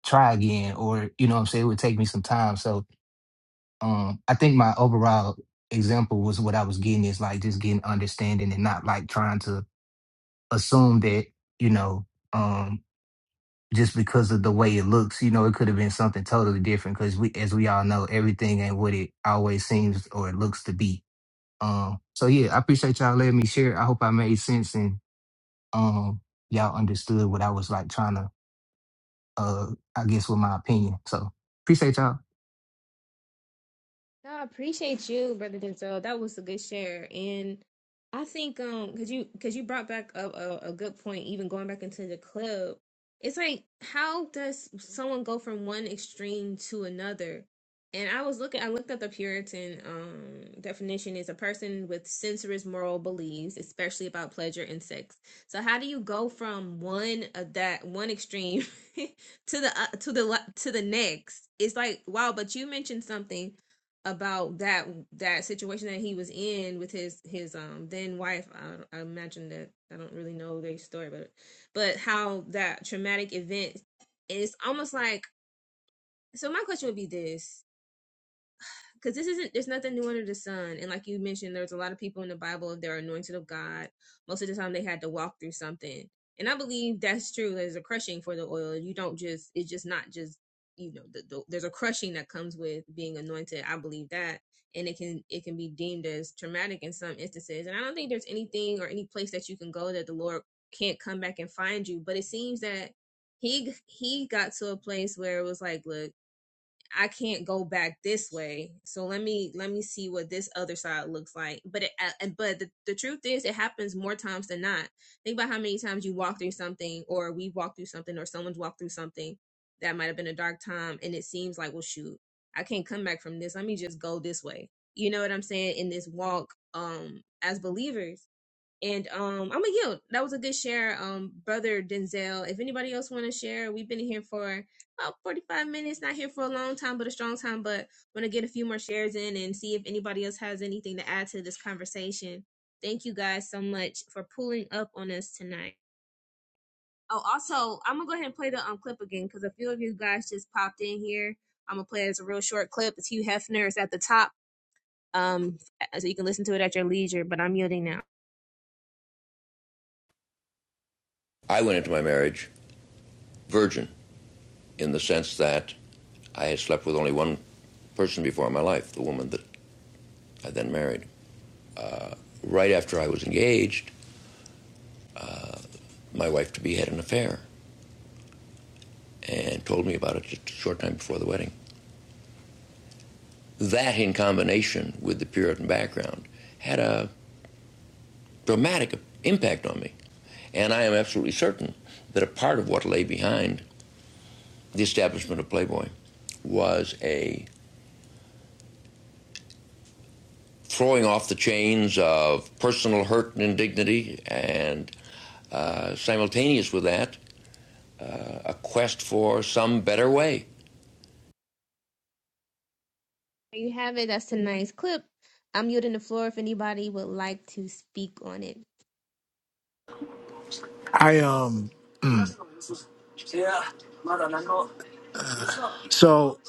[SPEAKER 8] try again or you know what i'm saying it would take me some time so um i think my overall example was what i was getting is like just getting understanding and not like trying to assume that you know um just because of the way it looks you know it could have been something totally different because we as we all know everything ain't what it always seems or it looks to be um, so yeah, I appreciate y'all letting me share. I hope I made sense and um y'all understood what I was like trying to uh I guess with my opinion. So appreciate y'all.
[SPEAKER 1] No, I appreciate you, Brother Denzel. That was a good share. And I think um cause you cause you brought back up a, a good point, even going back into the club. It's like how does someone go from one extreme to another? And I was looking I looked up the Puritan um definition is a person with censorious moral beliefs, especially about pleasure and sex. So how do you go from one of that one extreme to the uh, to the le- to the next? It's like wow, but you mentioned something about that that situation that he was in with his his um then wife I, I imagine that I don't really know their story but but how that traumatic event is almost like so my question would be this because this isn't there's nothing new under the sun and like you mentioned there's a lot of people in the bible they're anointed of god most of the time they had to walk through something and i believe that's true there's a crushing for the oil you don't just it's just not just you know the, the, there's a crushing that comes with being anointed i believe that and it can it can be deemed as traumatic in some instances and i don't think there's anything or any place that you can go that the lord can't come back and find you but it seems that he he got to a place where it was like look I can't go back this way. So let me let me see what this other side looks like. But it, uh, but the, the truth is, it happens more times than not. Think about how many times you walk through something, or we walk through something, or someone's walked through something that might have been a dark time, and it seems like, well, shoot, I can't come back from this. Let me just go this way. You know what I'm saying? In this walk, um, as believers and um, I'm a yield. That was a good share, um, brother Denzel. If anybody else want to share, we've been here for about 45 minutes. Not here for a long time, but a strong time. But want to get a few more shares in and see if anybody else has anything to add to this conversation. Thank you guys so much for pulling up on us tonight. Oh, also, I'm gonna go ahead and play the um clip again because a few of you guys just popped in here. I'm gonna play it as a real short clip. It's Hugh Hefner. It's at the top, um, so you can listen to it at your leisure. But I'm yielding now.
[SPEAKER 3] I went into my marriage virgin in the sense that I had slept with only one person before in my life, the woman that I then married. right after I was engaged, my wife to be had an affair and told me about it just a short time before the wedding. That, in combination with the Puritan background, had a dramatic impact on me. And I am absolutely certain that a part of what lay behind the establishment of Playboy was a throwing off the chains of personal hurt and indignity, and uh, simultaneous with that, a quest for some better way.
[SPEAKER 1] There you have it. That's tonight's clip. I'm yielding the floor if anybody would like to speak on it.
[SPEAKER 4] I um. So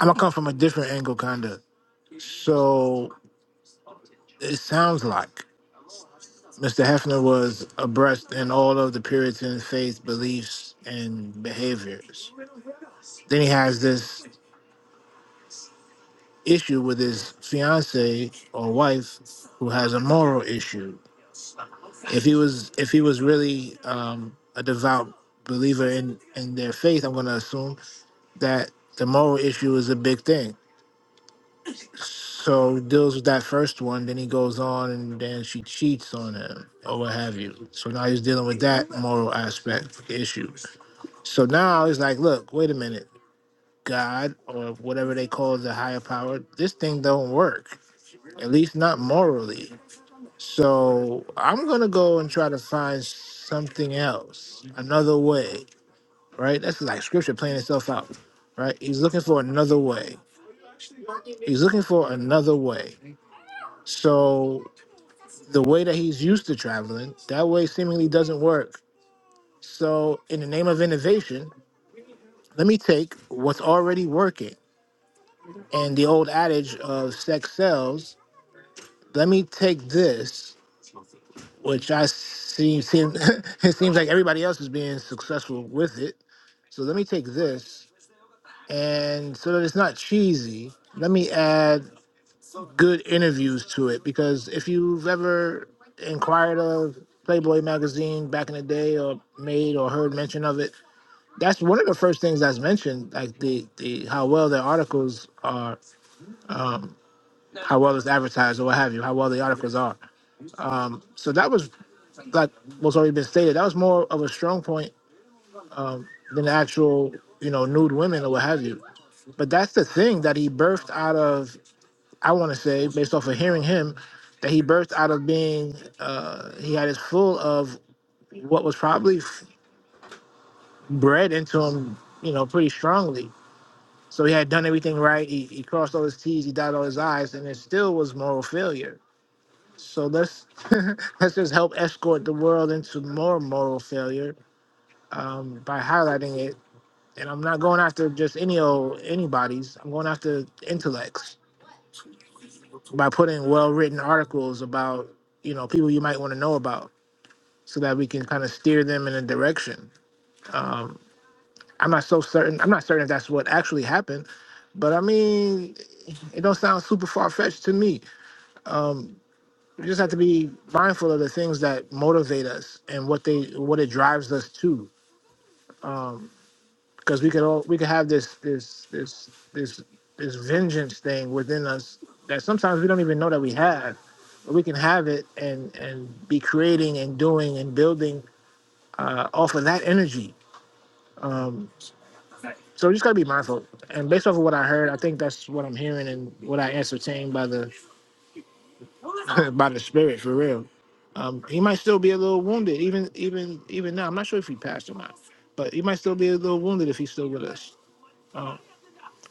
[SPEAKER 4] I'm gonna come from a different angle, kinda. So it sounds like. Mr. Hefner was abreast in all of the Puritan faith beliefs and behaviors. Then he has this issue with his fiance or wife, who has a moral issue. If he was, if he was really um, a devout believer in in their faith, I'm going to assume that the moral issue is a big thing. So he deals with that first one, then he goes on and then she cheats on him or what have you. So now he's dealing with that moral aspect of the issue. So now it's like, look, wait a minute, God or whatever they call the higher power, this thing don't work, at least not morally. So I'm gonna go and try to find something else, another way, right? That's like scripture playing itself out, right? He's looking for another way. He's looking for another way. So the way that he's used to traveling, that way seemingly doesn't work. So in the name of innovation, let me take what's already working and the old adage of sex sells, let me take this, which I see seem it seems like everybody else is being successful with it. So let me take this, and so that it's not cheesy, let me add good interviews to it. Because if you've ever inquired of Playboy magazine back in the day, or made or heard mention of it, that's one of the first things that's mentioned, like the the how well their articles are, how well it's advertised, or what have you, how well the articles are. Um, so that was like what's already been stated. That was more of a strong point than the actual, you know, nude women or what have you. But that's the thing that he birthed out of. I want to say, based off of hearing him, that he birthed out of being. Uh, he had his full of what was probably f- bred into him, you know, pretty strongly. So he had done everything right. He, he crossed all his T's, he dotted all his I's, and it still was moral failure. So let's let's just help escort the world into more moral failure um, by highlighting it. And I'm not going after just any old anybody's. I'm going after intellects by putting well written articles about you know people you might want to know about, so that we can kind of steer them in a direction. I'm not so certain. I'm not certain if that's what actually happened, but I mean, it don't sound super far fetched to me. We just have to be mindful of the things that motivate us and what they what it drives us to. because we could all we could have this this this this this vengeance thing within us that sometimes we don't even know that we have but we can have it and and be creating and doing and building uh, off of that energy so we just got to be mindful and based off of what i heard i think that's what i'm hearing and what i ascertained by the by the spirit for real um, he might still be a little wounded even even even now i'm not sure if he passed or not but he might still be a little wounded if he's still with us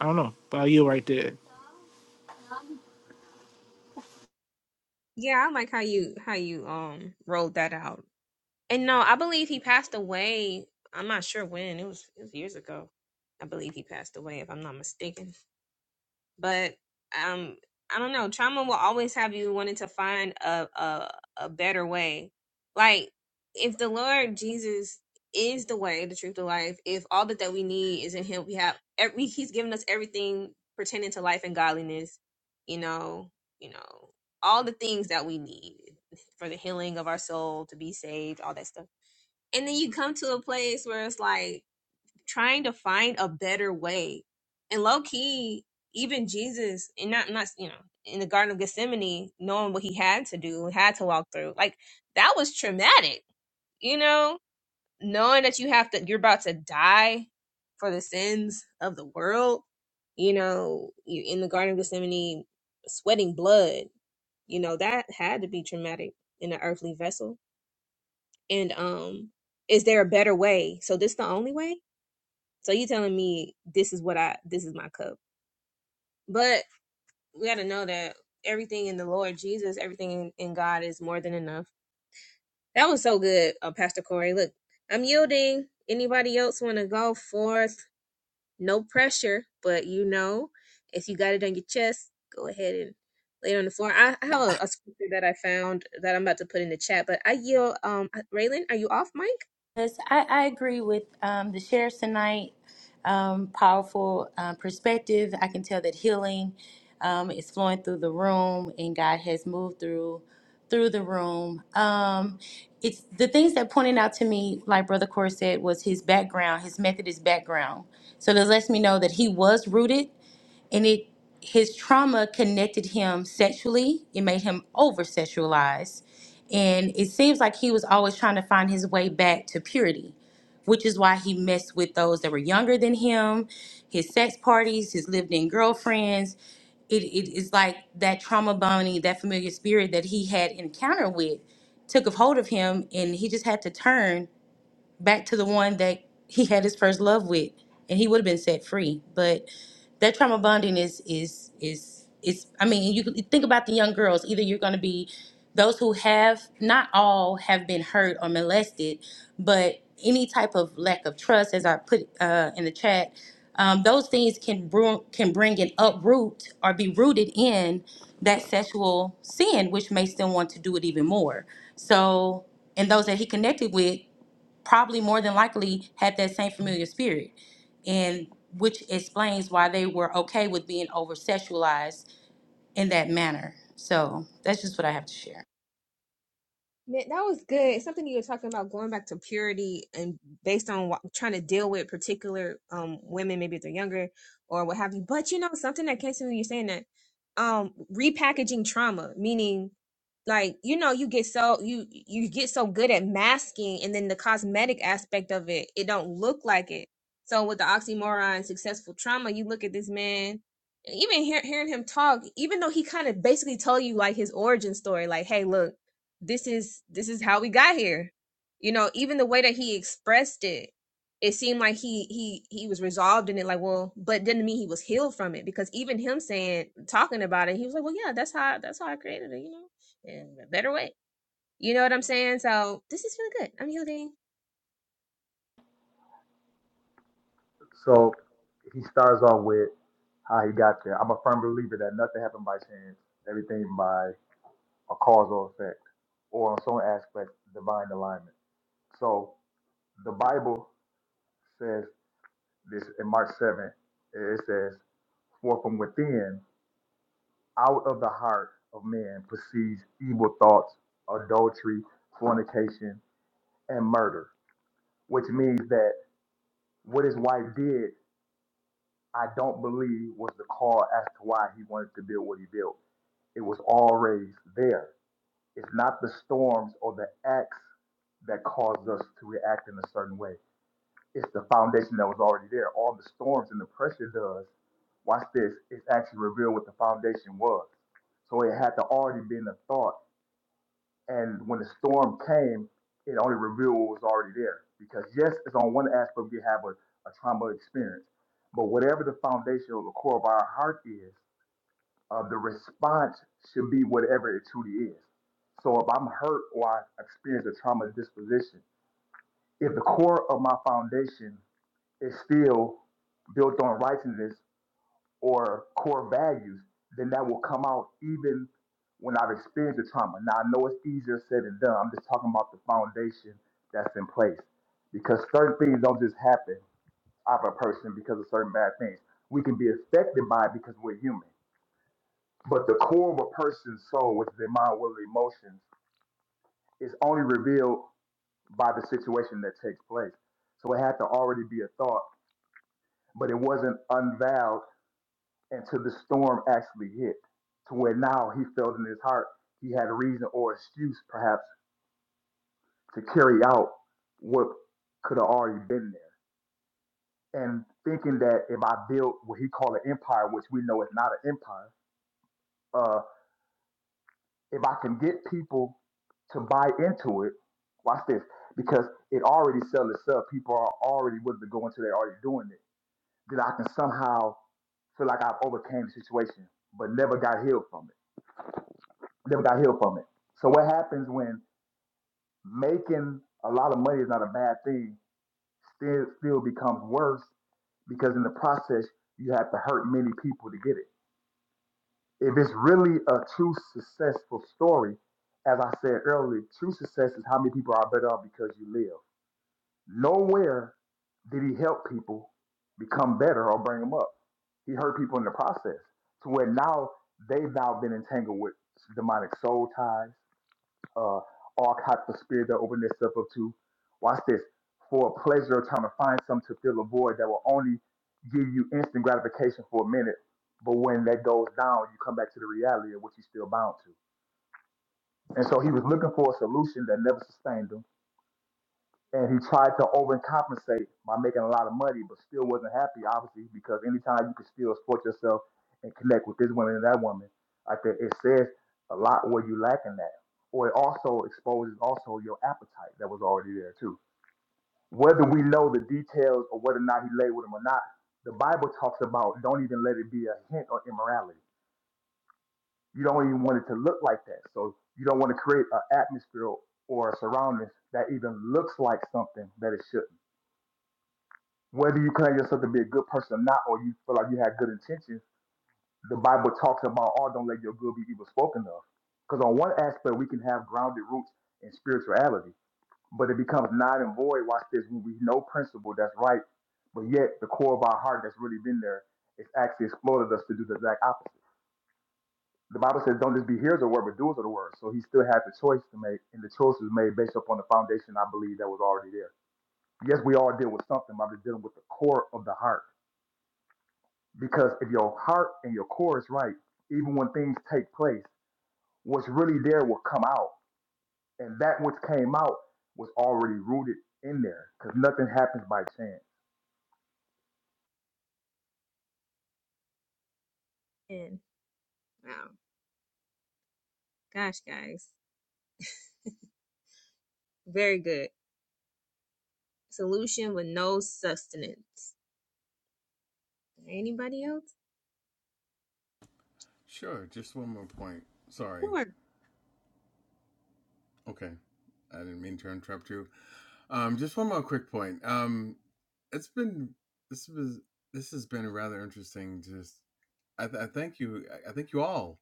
[SPEAKER 4] i don't know but you right there
[SPEAKER 1] Yeah, I like how you how you um rolled that out. And no, I believe he passed away. I'm not sure when. It was it was years ago. I believe he passed away, if I'm not mistaken. but um i don't know trauma will always have you wanting to find a a, a better way like if the lord jesus is the way the truth the life if all that, that we need is in him we have every he's given us everything pertaining to life and godliness you know you know all the things that we need for the healing of our soul to be saved all that stuff and then you come to a place where it's like trying to find a better way. And low key, even Jesus, and not not you know, in the Garden of Gethsemane, knowing what he had to do, had to walk through, like that was traumatic, you know, knowing that you have to, you're about to die for the sins of the world, you know, you in the Garden of Gethsemane, sweating blood, you know, that had to be traumatic in an earthly vessel. And um, is there a better way? So this the only way? So you telling me this is what I this is my cup. But we gotta know that everything in the Lord Jesus, everything in, in God is more than enough. That was so good, uh, Pastor Corey. Look, I'm yielding. Anybody else wanna go forth? No pressure, but you know, if you got it on your chest, go ahead and lay it on the floor. I, I have a, a scripture that I found that I'm about to put in the chat, but I yield um Raylan, are you off mic?
[SPEAKER 2] Yes, I, I agree with um, the shares tonight. Um, powerful uh, perspective. I can tell that healing um, is flowing through the room, and God has moved through through the room. Um, it's the things that pointed out to me, like Brother Core said, was his background, his Methodist background. So this lets me know that he was rooted and it his trauma connected him sexually it made him over sexualized and it seems like he was always trying to find his way back to purity which is why he messed with those that were younger than him his sex parties his lived in girlfriends it it is like that trauma bonding that familiar spirit that he had encounter with took a hold of him and he just had to turn back to the one that he had his first love with and he would have been set free but that trauma bonding is is is is i mean you could think about the young girls either you're going to be those who have not all have been hurt or molested but any type of lack of trust as i put uh, in the chat um, those things can bring can bring an uproot or be rooted in that sexual sin which makes them want to do it even more so and those that he connected with probably more than likely had that same familiar spirit and which explains why they were okay with being over sexualized in that manner so that's just what i have to share
[SPEAKER 1] Man, that was good. It's something you were talking about going back to purity and based on what, trying to deal with particular um women, maybe if they're younger or what have you. But you know, something that came to me when you're saying that, um, repackaging trauma, meaning like you know you get so you you get so good at masking and then the cosmetic aspect of it it don't look like it so with the oxymoron successful trauma you look at this man even hear, hearing him talk even though he kind of basically told you like his origin story like hey look this is this is how we got here you know even the way that he expressed it it seemed like he he he was resolved in it like well but didn't mean he was healed from it because even him saying talking about it he was like well yeah that's how that's how i created it you know in a better way you know what i'm saying so this is really good i'm yielding
[SPEAKER 6] So he starts off with how he got there. I'm a firm believer that nothing happened by chance, everything by a causal effect, or on some aspect, divine alignment. So the Bible says this in Mark 7, it says, For from within, out of the heart of man proceeds evil thoughts, adultery, fornication, and murder, which means that what his wife did, I don't believe was the cause as to why he wanted to build what he built It was always there. It's not the storms or the acts that caused us to react in a certain way. It's the foundation that was already there. All the storms and the pressure does, watch this, it's actually revealed what the foundation was. So it had to already been a thought. And when the storm came, it only revealed what was already there. Because yes, it's on one aspect we have a, a trauma experience. But whatever the foundation or the core of our heart is, uh, the response should be whatever it truly is. So if I'm hurt or I experience a trauma disposition, if the core of my foundation is still built on righteousness or core values, then that will come out even when I've experienced the trauma. Now I know it's easier said than done. I'm just talking about the foundation that's in place. Because certain things don't just happen out of a person because of certain bad things. We can be affected by it because we're human. But the core of a person's soul, which is their mind, will, emotions, is only revealed by the situation that takes place. So it had to already be a thought, but it wasn't unveiled until the storm actually hit, to where now he felt in his heart he had a reason or excuse, perhaps, to carry out what could have already been there. And thinking that if I built what he called an empire, which we know is not an empire, uh, if I can get people to buy into it, watch this, because it already sells itself. People are already willing to go into it, They're already doing it. Then I can somehow feel like I've overcame the situation, but never got healed from it. Never got healed from it. So what happens when making a lot of money is not a bad thing, still still becomes worse because in the process you have to hurt many people to get it. If it's really a true successful story, as I said earlier, true success is how many people are better off because you live. Nowhere did he help people become better or bring them up. He hurt people in the process to where now they've now been entangled with demonic soul ties uh, all caught the spirit that opened itself up to. Watch this. For pleasure, trying to find something to fill a void that will only give you instant gratification for a minute. But when that goes down, you come back to the reality of what you're still bound to. And so he was looking for a solution that never sustained him and he tried to overcompensate by making a lot of money, but still wasn't happy, obviously, because anytime you can still support yourself and connect with this woman and that woman, I think it says a lot where you lacking that. Or it also exposes also your appetite that was already there too. Whether we know the details or whether or not he lay with him or not, the Bible talks about don't even let it be a hint of immorality. You don't even want it to look like that. So you don't want to create an atmosphere or a surroundings that even looks like something that it should not whether you claim yourself to be a good person or not, or you feel like you had good intentions, the Bible talks about, oh, don't let your good be evil spoken of. Because on one aspect, we can have grounded roots in spirituality, but it becomes not and void, watch this, when we know principle that's right, but yet the core of our heart that's really been there is actually exploded us to do the exact opposite. The Bible says, don't just be hearers of the word, but doers of the word. So he still had the choice to make, and the choice was made based upon the foundation I believe that was already there. Yes, we all deal with something, but I'm just dealing with the core of the heart Because if your heart and your core is right, even when things take place, what's really there will come out. And that which came out was already rooted in there because nothing happens by chance.
[SPEAKER 1] and wow gosh guys very good solution with no sustenance anybody else
[SPEAKER 7] Sure. Just one more point. Sorry. Okay. I didn't mean to interrupt you. Um, just one more quick point. Um, it's been this was this has been rather interesting. Just I, th- I thank you. I I thank you all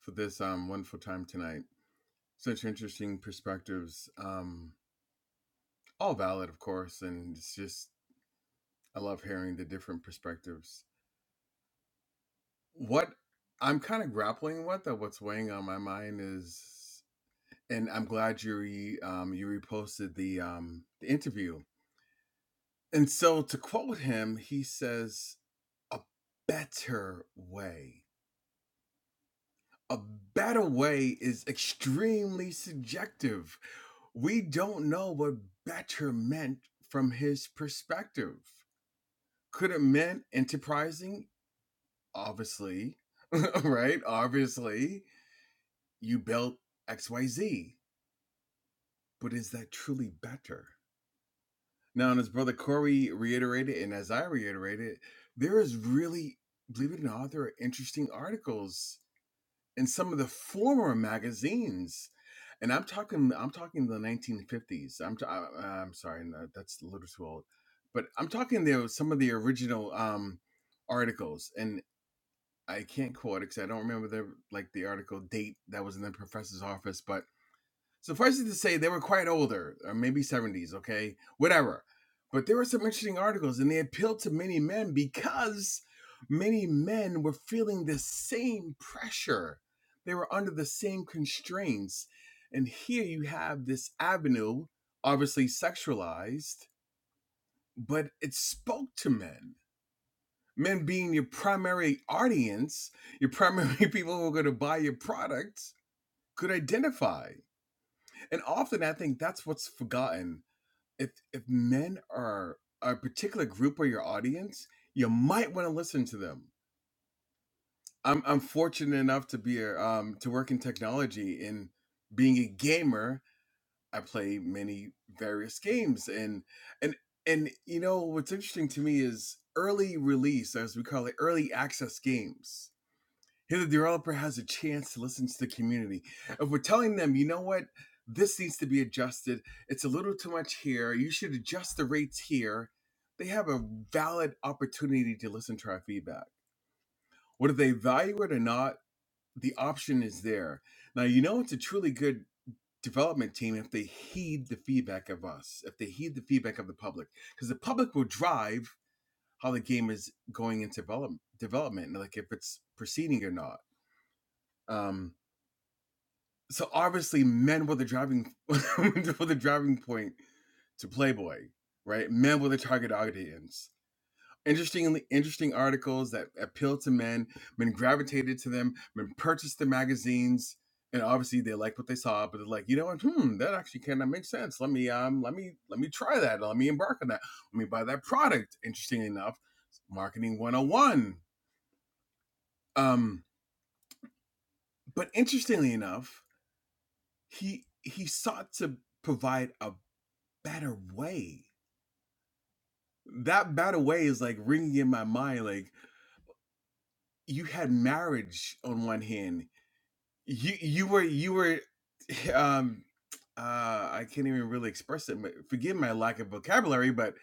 [SPEAKER 7] for this um wonderful time tonight. Such interesting perspectives. Um, all valid, of course, and it's just I love hearing the different perspectives. What I'm kind of grappling with, or what's weighing on my mind, is, and I'm glad you re, um, you reposted the um, the interview. And so, to quote him, he says, "A better way." A better way is extremely subjective. We don't know what better meant from his perspective. Could it meant enterprising obviously, right? Obviously, you built XYZ, but is that truly better? Now, and as Brother Corey reiterated, and as I reiterated, there is really, believe it or not, there are interesting articles in some of the former magazines. And I'm talking, I'm talking the 1950s. I'm, t- I, I'm sorry, no, that's a little too old, but I'm talking there some of the original um, articles. and I can't quote it because I don't remember the like the article date that was in the professor's office, but suffice it to say they were quite older, or maybe seventies, okay, whatever. But there were some interesting articles, and they appealed to many men because many men were feeling the same pressure. They were under the same constraints, and here you have this avenue, obviously sexualized, but it spoke to men men being your primary audience, your primary people who are going to buy your products, could identify. And often I think that's what's forgotten. If if men are a particular group or your audience, you might want to listen to them. I'm I'm fortunate enough to be a, um to work in technology and being a gamer, I play many various games and and and you know what's interesting to me is early release as we call it early access games Here, the developer has a chance to listen to the community. If we're telling them, you know what, this needs to be adjusted, it's a little too much here, you should adjust the rates here, they have a valid opportunity to listen to our feedback. Whether they value it or not, the option is there. Now, you know it's a truly good development team if they heed the feedback of us, if they heed the feedback of the public, because the public will drive how the game is going into develop- development, like if it's proceeding or not. Um, so obviously men were the driving were the driving point to Playboy, right? Men were the target audience. Interestingly, interesting articles that appealed to men. Men gravitated to them. Men purchased the magazines, and obviously they liked what they saw. But they're like, you know what? Hmm, that actually kind of makes sense. Let me um, let me let me try that. Let me embark on that. Let me buy that product. Interestingly enough, marketing 101. Um, but interestingly enough, he he sought to provide a better way. That better way is like ringing in my mind. Like you had marriage on one hand. You you were you were, um, uh, I can't even really express it. but Forgive my lack of vocabulary, but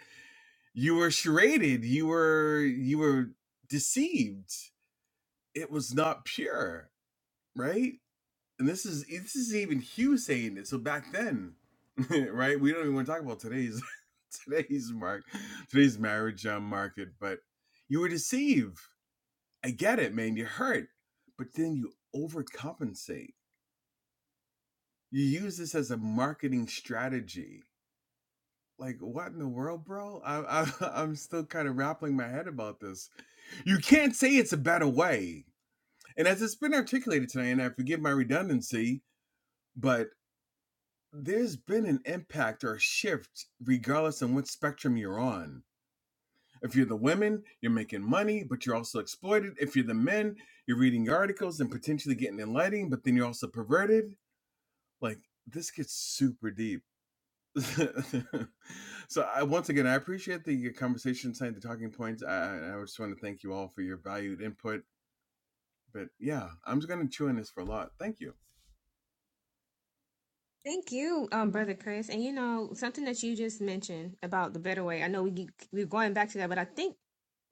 [SPEAKER 7] you were charaded. You were you were deceived. It was not pure, right? and this is this is even Hugh saying it. So back then, right? We don't even want to talk about today's today's mark today's marriage uh, market. But you were deceived. I get it, man. You're hurt, but then you overcompensate. You use this as a marketing strategy. Like what in the world, bro? I, I, I'm still kind of grappling my head about this. You can't say it's a better way. And as it's been articulated tonight, and I forgive my redundancy, but there's been an impact or a shift regardless on what spectrum you're on. If you're the women, you're making money, but you're also exploited. If you're the men, you're reading articles and potentially getting enlightened, but then you're also perverted. Like this gets super deep. so I once again I appreciate the conversation tonight, the talking points. I, I just want to thank you all for your valued input. But yeah, I'm just gonna chew on this for a lot. Thank you.
[SPEAKER 1] Thank you, um, brother Chris. And you know something that you just mentioned about the better way. I know we keep- we're going back to that, but I think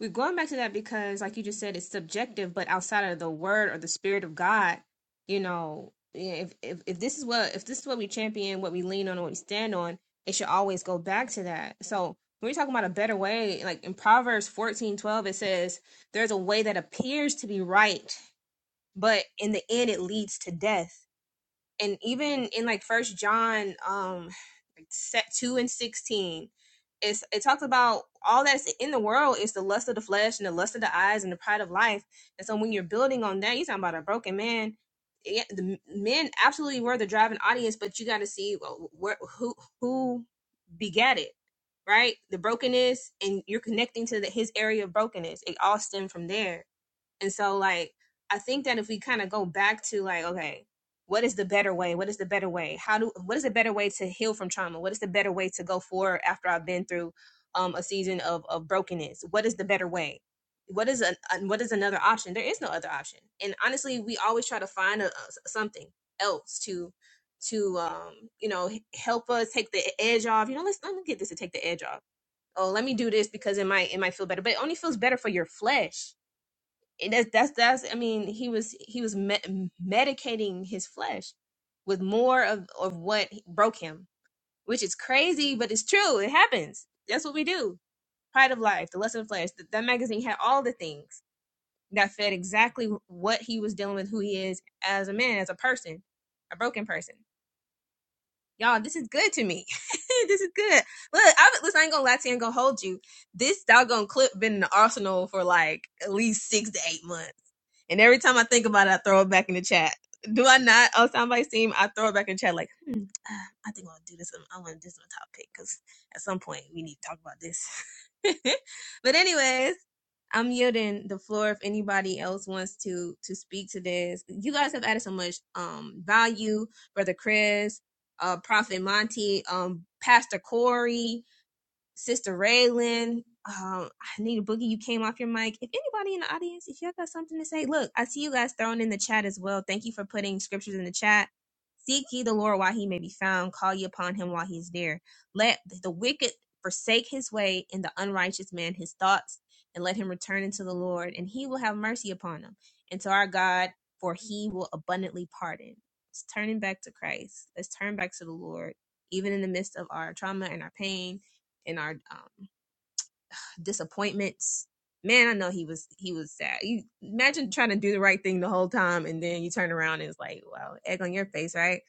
[SPEAKER 1] we're going back to that because, like you just said, it's subjective. But outside of the word or the spirit of God, you know, yeah, if if, if this is what if this is what we champion, what we lean on, and what we stand on, it should always go back to that. So when we're talking about a better way, like in Proverbs fourteen twelve, it says, "There's a way that appears to be right, but in the end, it leads to death." and even in like first john um like set 2 and 16 it's it talks about all that's in the world is the lust of the flesh and the lust of the eyes and the pride of life and so when you're building on that you're talking about a broken man yeah, the men absolutely were the driving audience but you got to see wh- where who who begat it right the brokenness and you're connecting to the, his area of brokenness it all stemmed from there and so, like, I think that if we kind of go back to like, okay, what is the better way? What is the better way? How do what is the better way to heal from trauma? What is the better way to go forward after I've been through um, a season of of brokenness? What is the better way? What is a what is another option? There is no other option. And honestly, we always try to find a, a s- something else to to um you know h- help us take the e, edge off. You know, let's let me get this to take the edge off. Oh, let me do this because it might it might feel better, but it only feels better for your flesh and that's that's that's I mean he was he was me- medicating his flesh with more of of what broke him, which is crazy, but it's true. It happens. That's what we do. Pride of Life, The lust of the Flesh. Th- that magazine had all the things that fed exactly what he was dealing with, who he is as a man, as a person, a broken person. Y'all, this is good to me. this is good. Look, I, listen, I ain't gonna lie to you. I ain't gonna hold you. This doggone clip been in the arsenal for like at least six to eight months and every time I think about it, I throw it back in the chat. Do I not? Oh, somebody seem I throw it back in the chat like, hmm, ah, I think I'll do this. I want this on topic because at some point we need to talk about this. but anyways, I'm yielding the floor if anybody else wants to to speak to this. You guys have added so much um value, brother Chris, uh, Prophet Monty, um, Pastor Corey. Sister Raylan, um, Nita Boogie, you came off your mic. If anybody in the audience, if y'all got something to say, look, I see you guys thrown in the chat as well. Thank you for putting scriptures in the chat. Seek ye the Lord while he may be found. Call ye upon him while he is near. Let the wicked forsake his way and the unrighteous man his thoughts, and let him return unto the Lord, and he will have mercy upon him. And to our God, for he will abundantly pardon. It's turning back to Christ. Let's turn back to the Lord, even in the midst of our trauma and our pain in our um, disappointments. Man, I know he was he was sad. You imagine trying to do the right thing the whole time, and then you turn around and it's like, wow, egg on your face, right?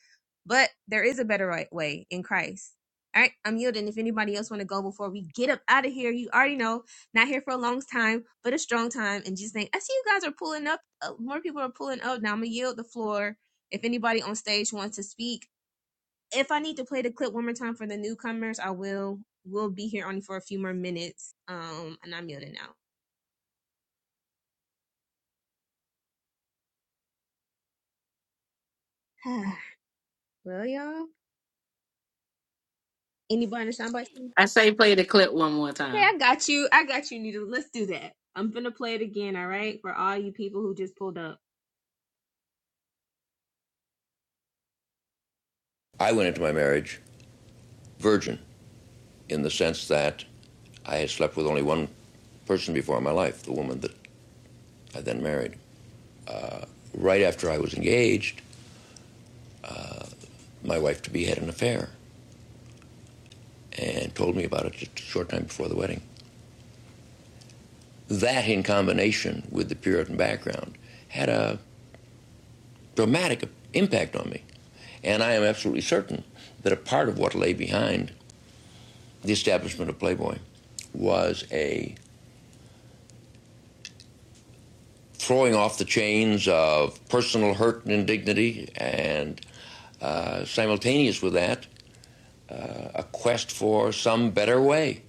[SPEAKER 1] But there is a better right way in Christ. All right, I'm yielding. If anybody else want to go before we get up out of here, you already know. Not here for a long time, but a strong time. And just think, I see you guys are pulling up. Uh, more people are pulling up now. I'm gonna yield the floor. If anybody on stage wants to speak, if I need to play the clip one more time for the newcomers, I will. We'll be here only for a few more minutes. Um, and I'm yielding out. well, y'all. Anybody in the soundbite? team?
[SPEAKER 5] I say play the clip one more
[SPEAKER 1] Okay,
[SPEAKER 5] time.
[SPEAKER 1] I got you. I got you, Nita. Let's do that. I'm gonna play it again. All right, for all you people who just pulled up.
[SPEAKER 3] I went into my marriage virgin. in the sense that I had slept with only one person before in my life, the woman that I then married. Right after I was engaged, my wife to be had an affair and told me about it just a short time before the wedding. That, in combination with the Puritan background, had a dramatic impact on me. And I am absolutely certain that a part of what lay behind the establishment of Playboy was a throwing off the chains of personal hurt and indignity, and uh, simultaneous with that, a quest for some better way.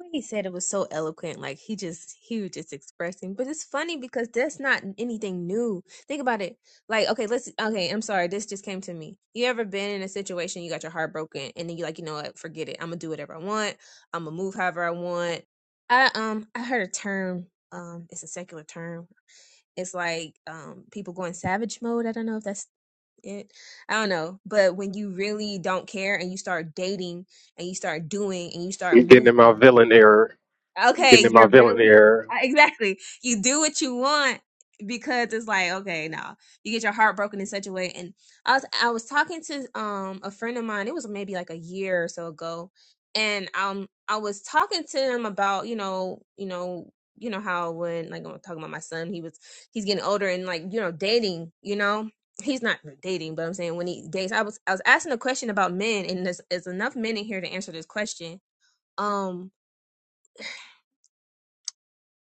[SPEAKER 1] way he said it was so eloquent like he just he was just expressing but it's funny because that's not anything new think about it like okay let's okay i'm sorry this just came to me you ever been in a situation you got your heart broken and then you like you know what forget it i'm gonna do whatever i want i'm gonna move however i want i um i heard a term um it's a secular term it's like um people going savage mode i don't know if that's it i don't know but when you really don't care and you start dating and you start doing and you start
[SPEAKER 9] I'm getting in my
[SPEAKER 1] moving
[SPEAKER 9] villain error. I'm
[SPEAKER 1] Okay,
[SPEAKER 9] getting in my
[SPEAKER 1] you're
[SPEAKER 9] villain
[SPEAKER 1] really
[SPEAKER 9] error.
[SPEAKER 1] exactly. You do what you want because it's like okay, no, you get your heart broken in such a way. And I was I was talking to um a friend of mine. It was maybe like a year or so ago, and um I was talking to him about you know you know you know how when like I'm talking about my son, he was he's getting older and like you know dating, you know. He's not really dating, but I'm saying when he dates, I was I was asking a question about men, and there's, there's enough men in here to answer this question. Um,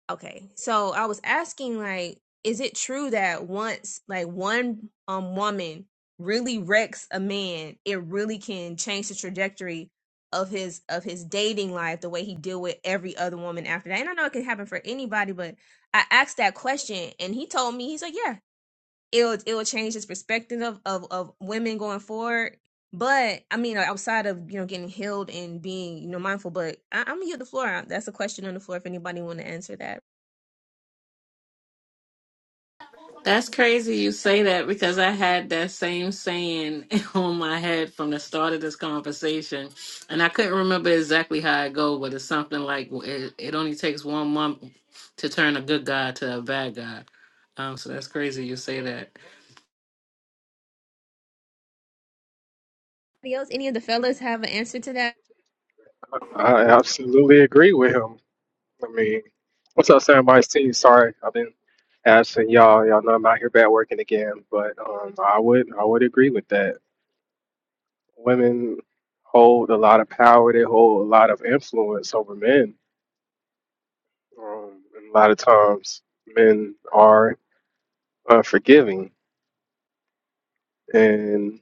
[SPEAKER 1] Okay. So I was asking like is it true that once like one um woman really wrecks a man, it really can change the trajectory of his of his dating life, the way he deal with every other woman after that. And I know it can happen for anybody, but I asked that question and he told me he's like, "Yeah, it'll it'll change his perspective of of, of women going forward." But I mean, like, outside of you know getting healed and being you know mindful, but I, I'm gonna yield the floor. That's a question on the floor if anybody want to answer that.
[SPEAKER 5] That's crazy you say that because I had that same saying on my head from the start of this conversation. And I couldn't remember exactly what it's something like it, it only takes one month to turn to a bad guy. Okay
[SPEAKER 1] else? Any of the fellas have an answer to that?
[SPEAKER 9] I, I absolutely agree with him. I mean, what's up, Sandbox team? Sorry, I've been absent, y'all. Y'all know I'm out here back working again, but um, I would I would agree with that. Women hold a lot of power. They hold a lot of influence over men. Um, and a lot of times, men are unforgiving, and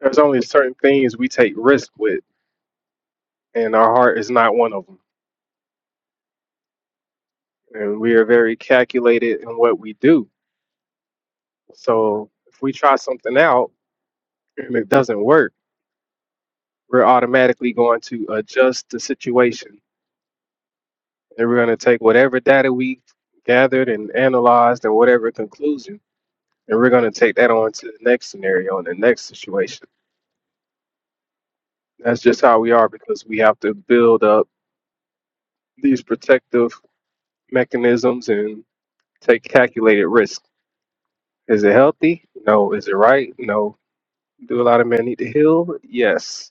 [SPEAKER 9] there's only certain things we take risk with, and our heart is not one of them and we are very calculated in what we do. So if we try something out and it doesn't work, we're automatically going to adjust the situation. And we're going to take whatever data we gathered and analyzed and whatever conclusion, and we're going to take that on to the next scenario and the next situation. That's just how we are because we have to build up these protective mechanisms and take calculated risk. Is it healthy? No. Is it right? No. Do a lot of men need to heal? Yes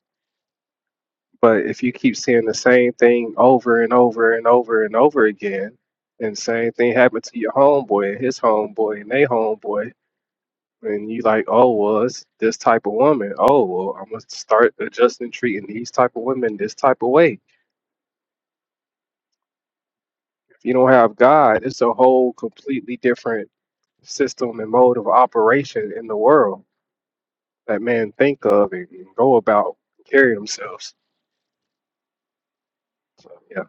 [SPEAKER 9] But if you keep seeing the same thing over and over and over and over again, and same thing happened to your homeboy and his homeboy and they homeboy, and you like, oh, well, it's this type of woman. Oh, well, I'm gonna start adjusting treating these type of women this type of way. If you don't have God, it's a whole completely different system and mode of operation in the world that men think of and go about carry themselves. So yeah.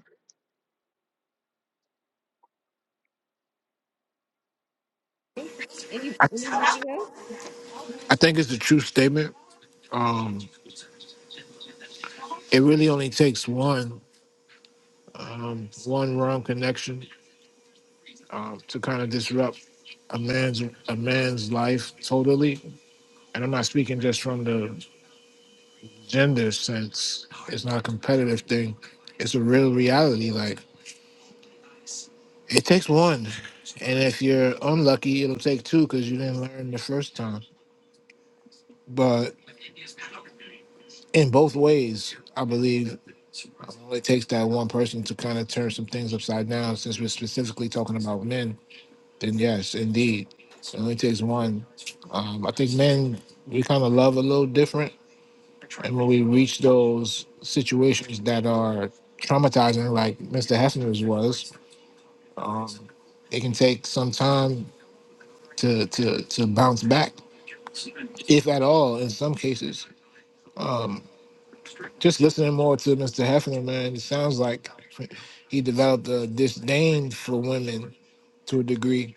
[SPEAKER 1] Any anybody else?
[SPEAKER 4] I think it's a true statement. Um, it really only takes one um, one wrong connection uh, to kind of disrupt a man's a man's life totally. And I'm not speaking just from the gender sense. It's not a competitive thing. It's a real reality. Like it takes one, and if you're unlucky, it'll take two because you didn't learn the first time. But in both ways, I believe It only takes that one person to kind of turn some things upside down. Since we're specifically talking about men, then yes, indeed, it only takes one. Um, I think men we kind of love a little different, and when we reach those situations that are traumatizing, like Mr. Hefner's was, um, it can take some time to to to bounce back, if at all, in some cases. Um, just listening more to Mr. Hefner, man, it sounds like he developed a disdain for women to a degree.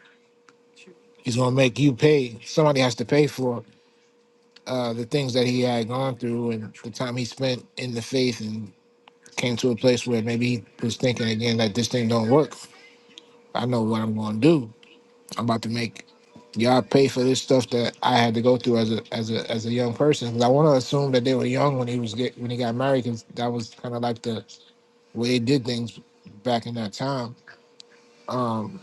[SPEAKER 4] He's going to make you pay. Somebody has to pay for uh, the things that he had gone through and the time he spent in the faith and came to a place where maybe he was thinking again that this thing don't work. I know what I'm going to do. I'm about to make y'all pay for this stuff that I had to go through as a as a as a young person. Because I want to assume that they were young when he was get, when he got married, because that was kind of like the way they did things back in that time. Um,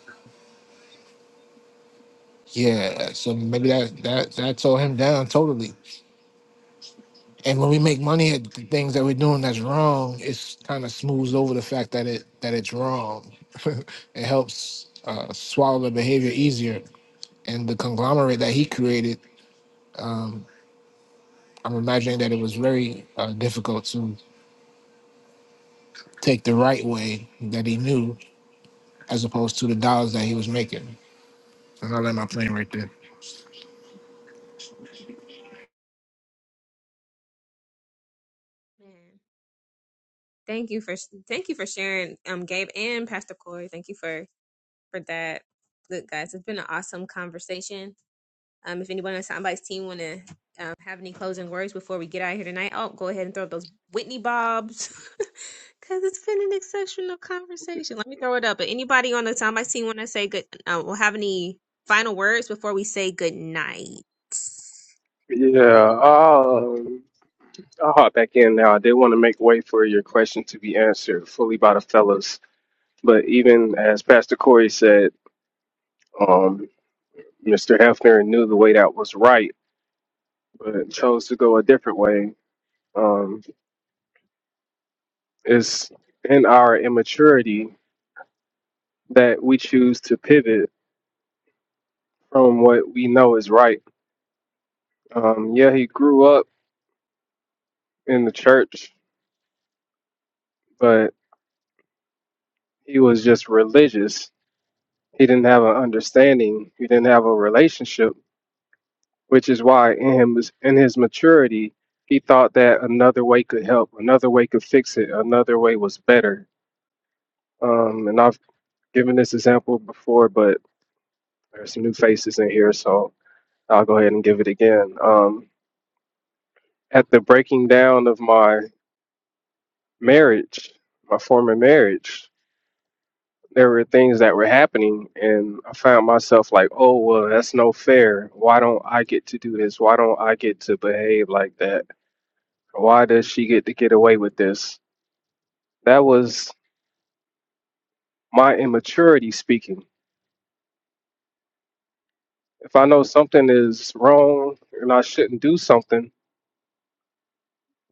[SPEAKER 4] yeah, so maybe that that that tore him down totally And when we make money at the things that we're doing that's wrong, it's kind of smooths over the fact that it that it's wrong. it helps uh, swallow the behavior easier. And the conglomerate that he created, I'm imagining that it was very uh, difficult to take the right way that he knew, as opposed to the dollars that he was making. And I will let my plane right there.
[SPEAKER 1] Man, thank you for thank you for sharing, um, Gabe and Pastor Corey. Thank you for for that. Look, guys, it's been an awesome conversation. Um, if anyone on somebody's team want to um, have any closing words before we get out of here tonight, oh, go ahead and throw up those Whitney bobs because it's been an exceptional conversation. Let me throw it up. But anybody on the somebody's team want to say good? Uh, will have any final words before we say good night?
[SPEAKER 9] Yeah. Um, I'll hop back in now. I did want to make way for your question to be answered fully by the fellas. But even as Pastor Corey said, um, Mr. Hefner knew the way that was right, but chose to go a different way. Um, it's in our immaturity that we choose to pivot from what we know is right. Um, yeah, he grew up in the church, but he was just religious. He didn't have an understanding, he didn't have a relationship which is why in him in his maturity he thought that another way could help another way could fix it another way was better um, and i've given this example before but there's some new faces in here so i'll go ahead and give it again um, at the breaking down of my marriage my former marriage there were things that were happening and i found myself like oh well that's no fair why don't i get to do this why don't i get to behave like that why does she get to get away with this That was my immaturity speaking. If I know something is wrong and I shouldn't do something,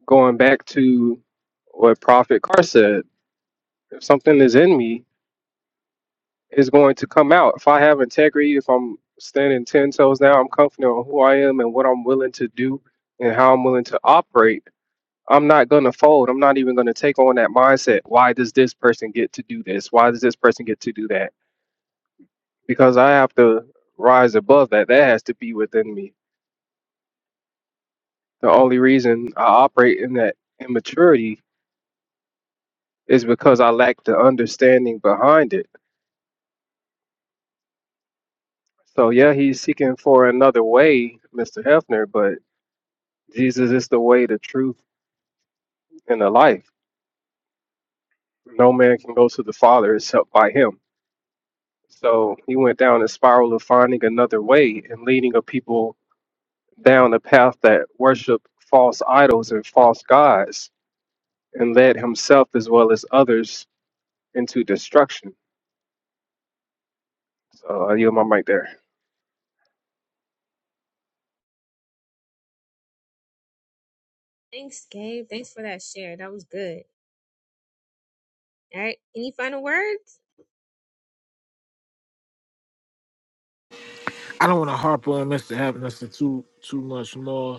[SPEAKER 9] going back to what Prophet Carr said, if something is in me, it's going to come out. If I have integrity, if I'm standing 10 toes down, I'm confident on who I am and what I'm willing to do and how I'm willing to operate, I'm not going to fold. I'm not even going to take on that mindset. Why does this person get to do this? Why does this person get to do that? Because I have to rise above that. That has to be within me The only reason I operate in that immaturity is because I lack the understanding behind it. So, yeah, he's seeking for another way, Mr. Hefner, but Jesus is the way, the truth, and the life. No man can go to the Father except by him. So, he went down a spiral of finding another way and leading a people down a path that worship false idols and false gods and led himself as well as others into destruction. So, I yield my mic there.
[SPEAKER 1] Thanks, Gabe. Thanks for that share. That was good. All right. Any final words?
[SPEAKER 4] I don't want to harp on Mr. Happiness for too too much more.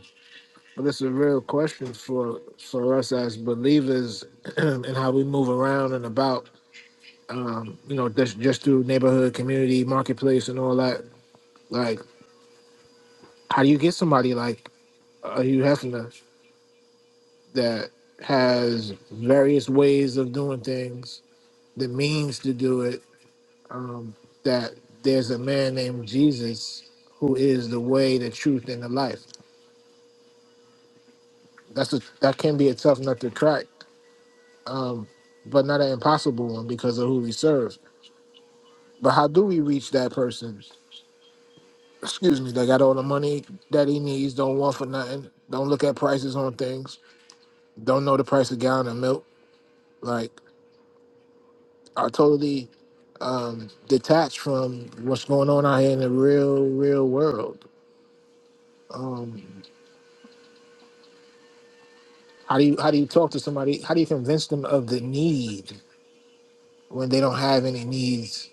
[SPEAKER 4] Well, this is a real question for for us as believers and how we move around and about. Um, you know, just just through neighborhood, community, marketplace, and all that. Like, how do you get somebody like uh, Hugh Hefner that has various ways of doing things, the means to do it? Um, that there's a man named Jesus who is the way, the truth, and the life. That's a that can be a tough nut to crack um, but not an impossible one because of who we serve. But how do we reach that person? Excuse me, that got all the money that he needs, don't want for nothing, don't look at prices on things, don't know the price of a gallon of milk, like are totally um, detached from what's going on out here in the real, real world. Um, how do you how do you talk to somebody? How do you convince them of the need when they don't have any needs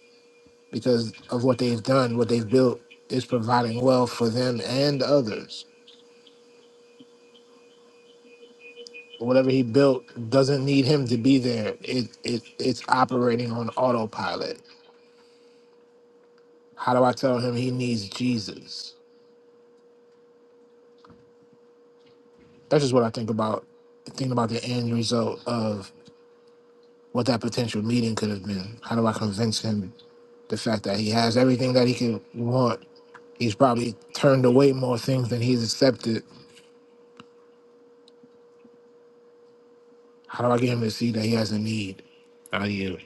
[SPEAKER 4] because of what they've done, what they've built is providing wealth for them and others. Whatever he built doesn't need him to be there. It it it's operating on autopilot. How do I tell him he needs Jesus? That's just what I think about thinking about the end result of what that potential meeting could have been. How do I convince him the fact that he has everything that he could want? He's probably turned away more things than he's accepted. How do I get him to see that he has a need? How do you?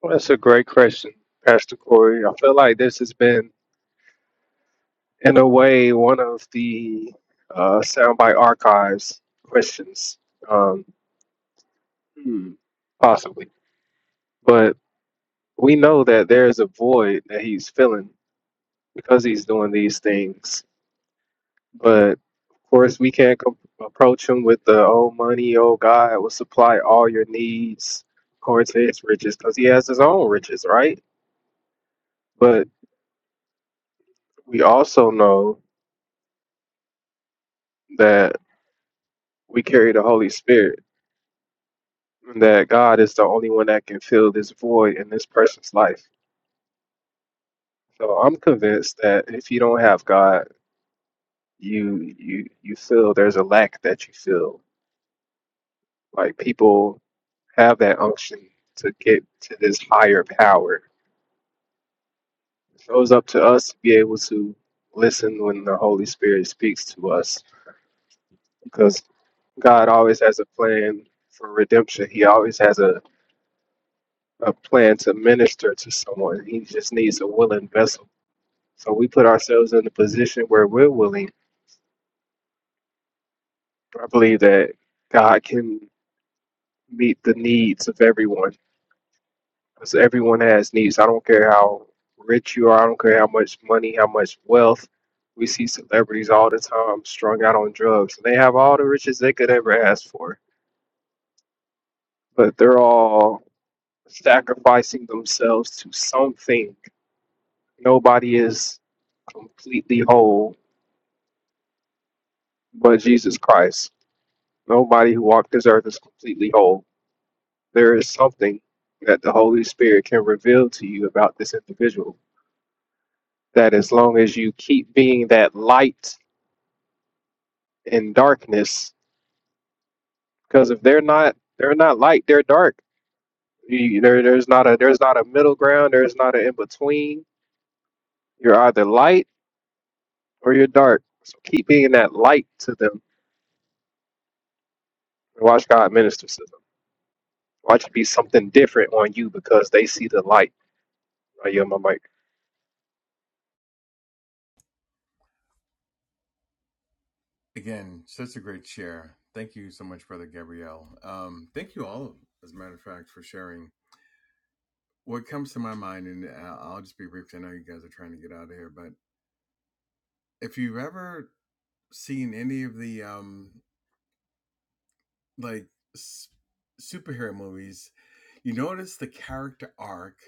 [SPEAKER 9] Well, that's a great question, Pastor Corey. I feel like this has been, in a way, one of the uh, soundbite archives questions, um, hmm, possibly. But we know that there is a void that he's filling because he's doing these things. But of course, we can't com- approach him with the "Oh, money, oh God, will supply all your needs according to His riches," because he has his own riches, right? But we also know that we carry the Holy Spirit, and that God is the only one that can fill this void in this person's life. So I'm convinced that if you don't have God, you you you feel there's a lack that you feel. Like people have that unction to get to this higher power. So it's up to us to be able to listen when the Holy Spirit speaks to us, because God always has a plan for redemption. He always has a a plan to minister to someone. He just needs a willing vessel So we put ourselves in a position where we're willing. I believe that God can meet the needs of everyone because everyone has needs. I don't care how rich you are, I don't care how much money, how much wealth. We see celebrities all the time strung out on drugs, and they have all the riches they could ever ask for, but they're all sacrificing themselves to something. Nobody is completely whole but Jesus Christ. Nobody who walked this earth is completely whole there is something that the Holy Spirit can reveal to you about this individual. That as long as you keep being that light in darkness, because if they're not, they're not light, they're dark. You, there, there's not a, there's not a middle ground. There's not an in between. You're either light or you're dark. So keep being that light to them. And watch God minister to them. Watch it be something different on you because they see the light. I yield my mic.
[SPEAKER 7] Again, such a great share. Thank you so much, Brother Gabrielle. Um, thank you all, as a matter of fact, for sharing. What comes to my mind, and I- I'll just be brief 'cause I know you guys are trying to get out of here, but if you've ever seen any of the um, like s- superhero movies, you notice the character arc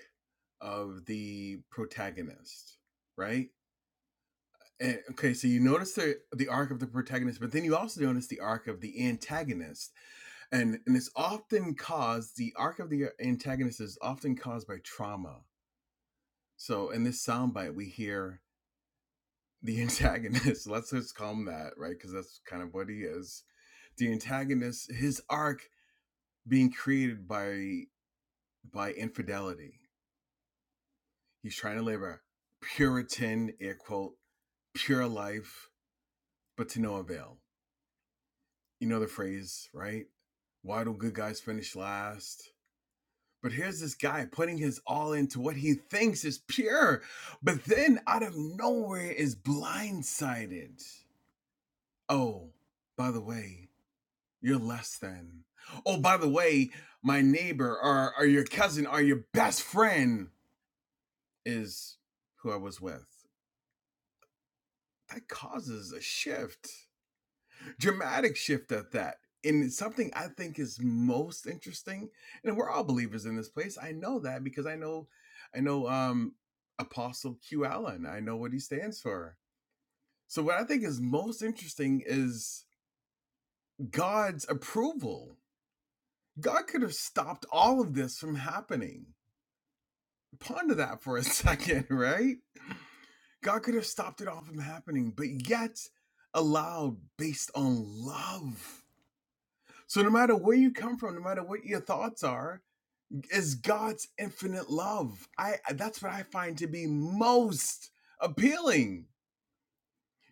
[SPEAKER 7] of the protagonist, right? And, okay, so you notice the the arc of the protagonist, but then you also notice the arc of the antagonist and and it's often caused the arc of the antagonist is often caused by trauma so in this soundbite we hear the antagonist let's just call him that right because that's kind of what he is the antagonist his arc being created by by infidelity he's trying to live a puritan air quote pure life but to no avail you know the phrase right why do good guys finish last But here's this guy putting his all into what he thinks is pure, but then out of nowhere is blindsided. Oh, by the way, you're less than. Oh, by the way, my neighbor or, or your cousin or your best friend is who I was with. That causes a shift. dramatic shift at that. And it's something I think is most interesting, and we're all believers in this place. I know that because I know, I know um, Apostle Q Allen. I know what he stands for. So what I think is most interesting is God's approval. God could have stopped all of this from happening. Ponder that for a second, right? God could have stopped it all from happening, but yet allowed based on love So, no matter where you come from, no matter what your thoughts are, is God's infinite love. I that's what I find to be most appealing.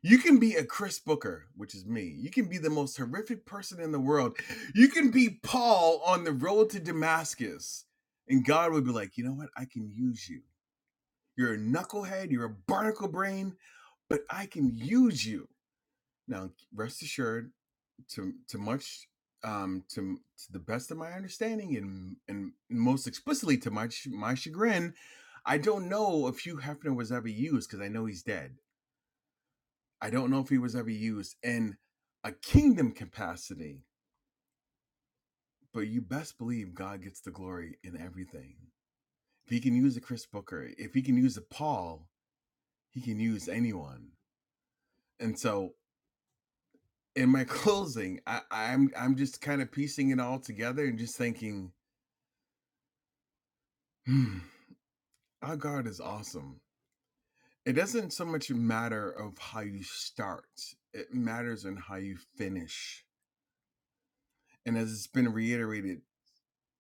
[SPEAKER 7] You can be a Chris Booker, which is me. You can be the most horrific person in the world. You can be Paul on the road to Damascus, and God would be like, you know what? I can use you. You're a knucklehead. You're a barnacle brain, but I can use you. Now, rest assured, to to much um to, to the best of my understanding and and most explicitly to my my chagrin i don't know if hugh hefner was ever used because i know he's dead i don't know if he was ever used in a kingdom capacity but you best believe god gets the glory in everything if he can use a chris booker if he can use a paul he can use anyone and so in my closing i i'm i'm just kind of piecing it all together and just thinking hmm, Our God is awesome. It doesn't so much matter of how you start, it matters in how you finish. And as it's been reiterated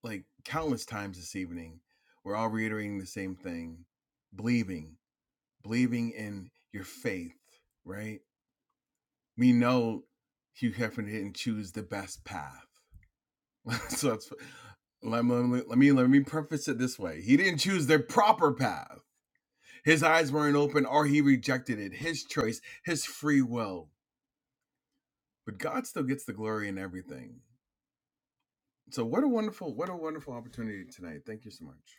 [SPEAKER 7] like countless times this evening, we're all reiterating the same thing. Believing, believing in your faith, right? We know Hugh Hefner didn't choose the best path. so that's let me, let me let me preface it this way. He didn't choose the proper path His eyes weren't open or he rejected it. His choice, his free will. But God still gets the glory in everything. So what a wonderful, what a wonderful opportunity tonight. Thank you so much.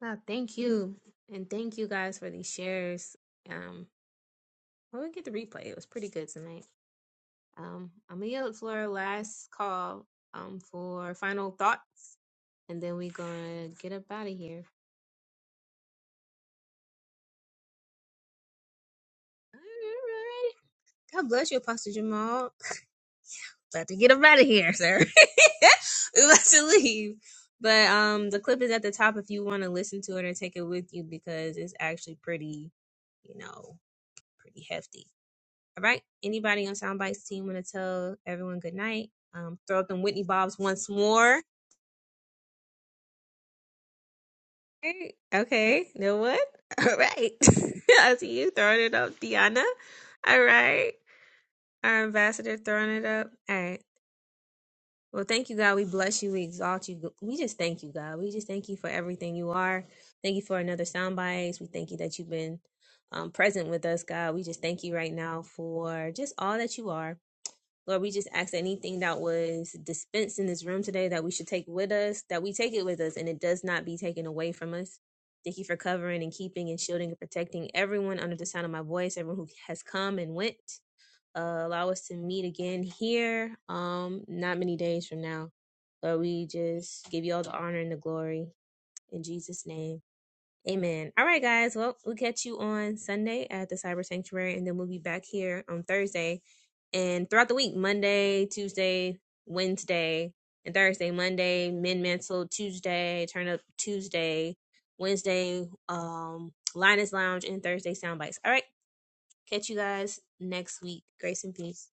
[SPEAKER 1] Wow, thank you. And thank you guys for these shares. Um, well, we get the replay. It was pretty good tonight. Um, I'm gonna yield the floor last call um for final thoughts, and then we're gonna get up out of here. All right. God bless you, Apostle Jamal. about to get him out of here, sir. we about to leave. But um the clip is at the top if you want to listen to it or take it with you because it's actually pretty, you know, pretty hefty. All right. Anybody on Soundbites team wanna tell everyone good night? Um throw up them Whitney Bobs once more. Okay, okay. You know what? All right. I see you throwing it up, Deanna. All right. Our ambassador throwing it up. All right. Well, thank you, God. We bless you. We exalt you. We just thank you, God. We just thank you for everything you are. Thank you for another sound bites. We thank you that you've been um, present with us, God. We just thank you right now for just all that you are. Lord, we just ask that anything that was dispensed in this room today that we should take with us, that we take it with us and it does not be taken away from us. Thank you for covering and keeping and shielding and protecting everyone under the sound of my voice, everyone who has come and went. Uh, allow us to meet again here, um, not many days from now. Lord, we just give you all the honor and the glory in Jesus' name. Amen. All right, guys. Well, we'll catch you on Sunday at the Cyber Sanctuary, and then we'll be back here on Thursday and throughout the week Monday, Tuesday, Wednesday, and Thursday. Monday, Men Mantle, Tuesday, Turn Up Tuesday, Wednesday, um, Linus Lounge, and Thursday, Soundbites. All right. Catch you guys next week. Grace and peace.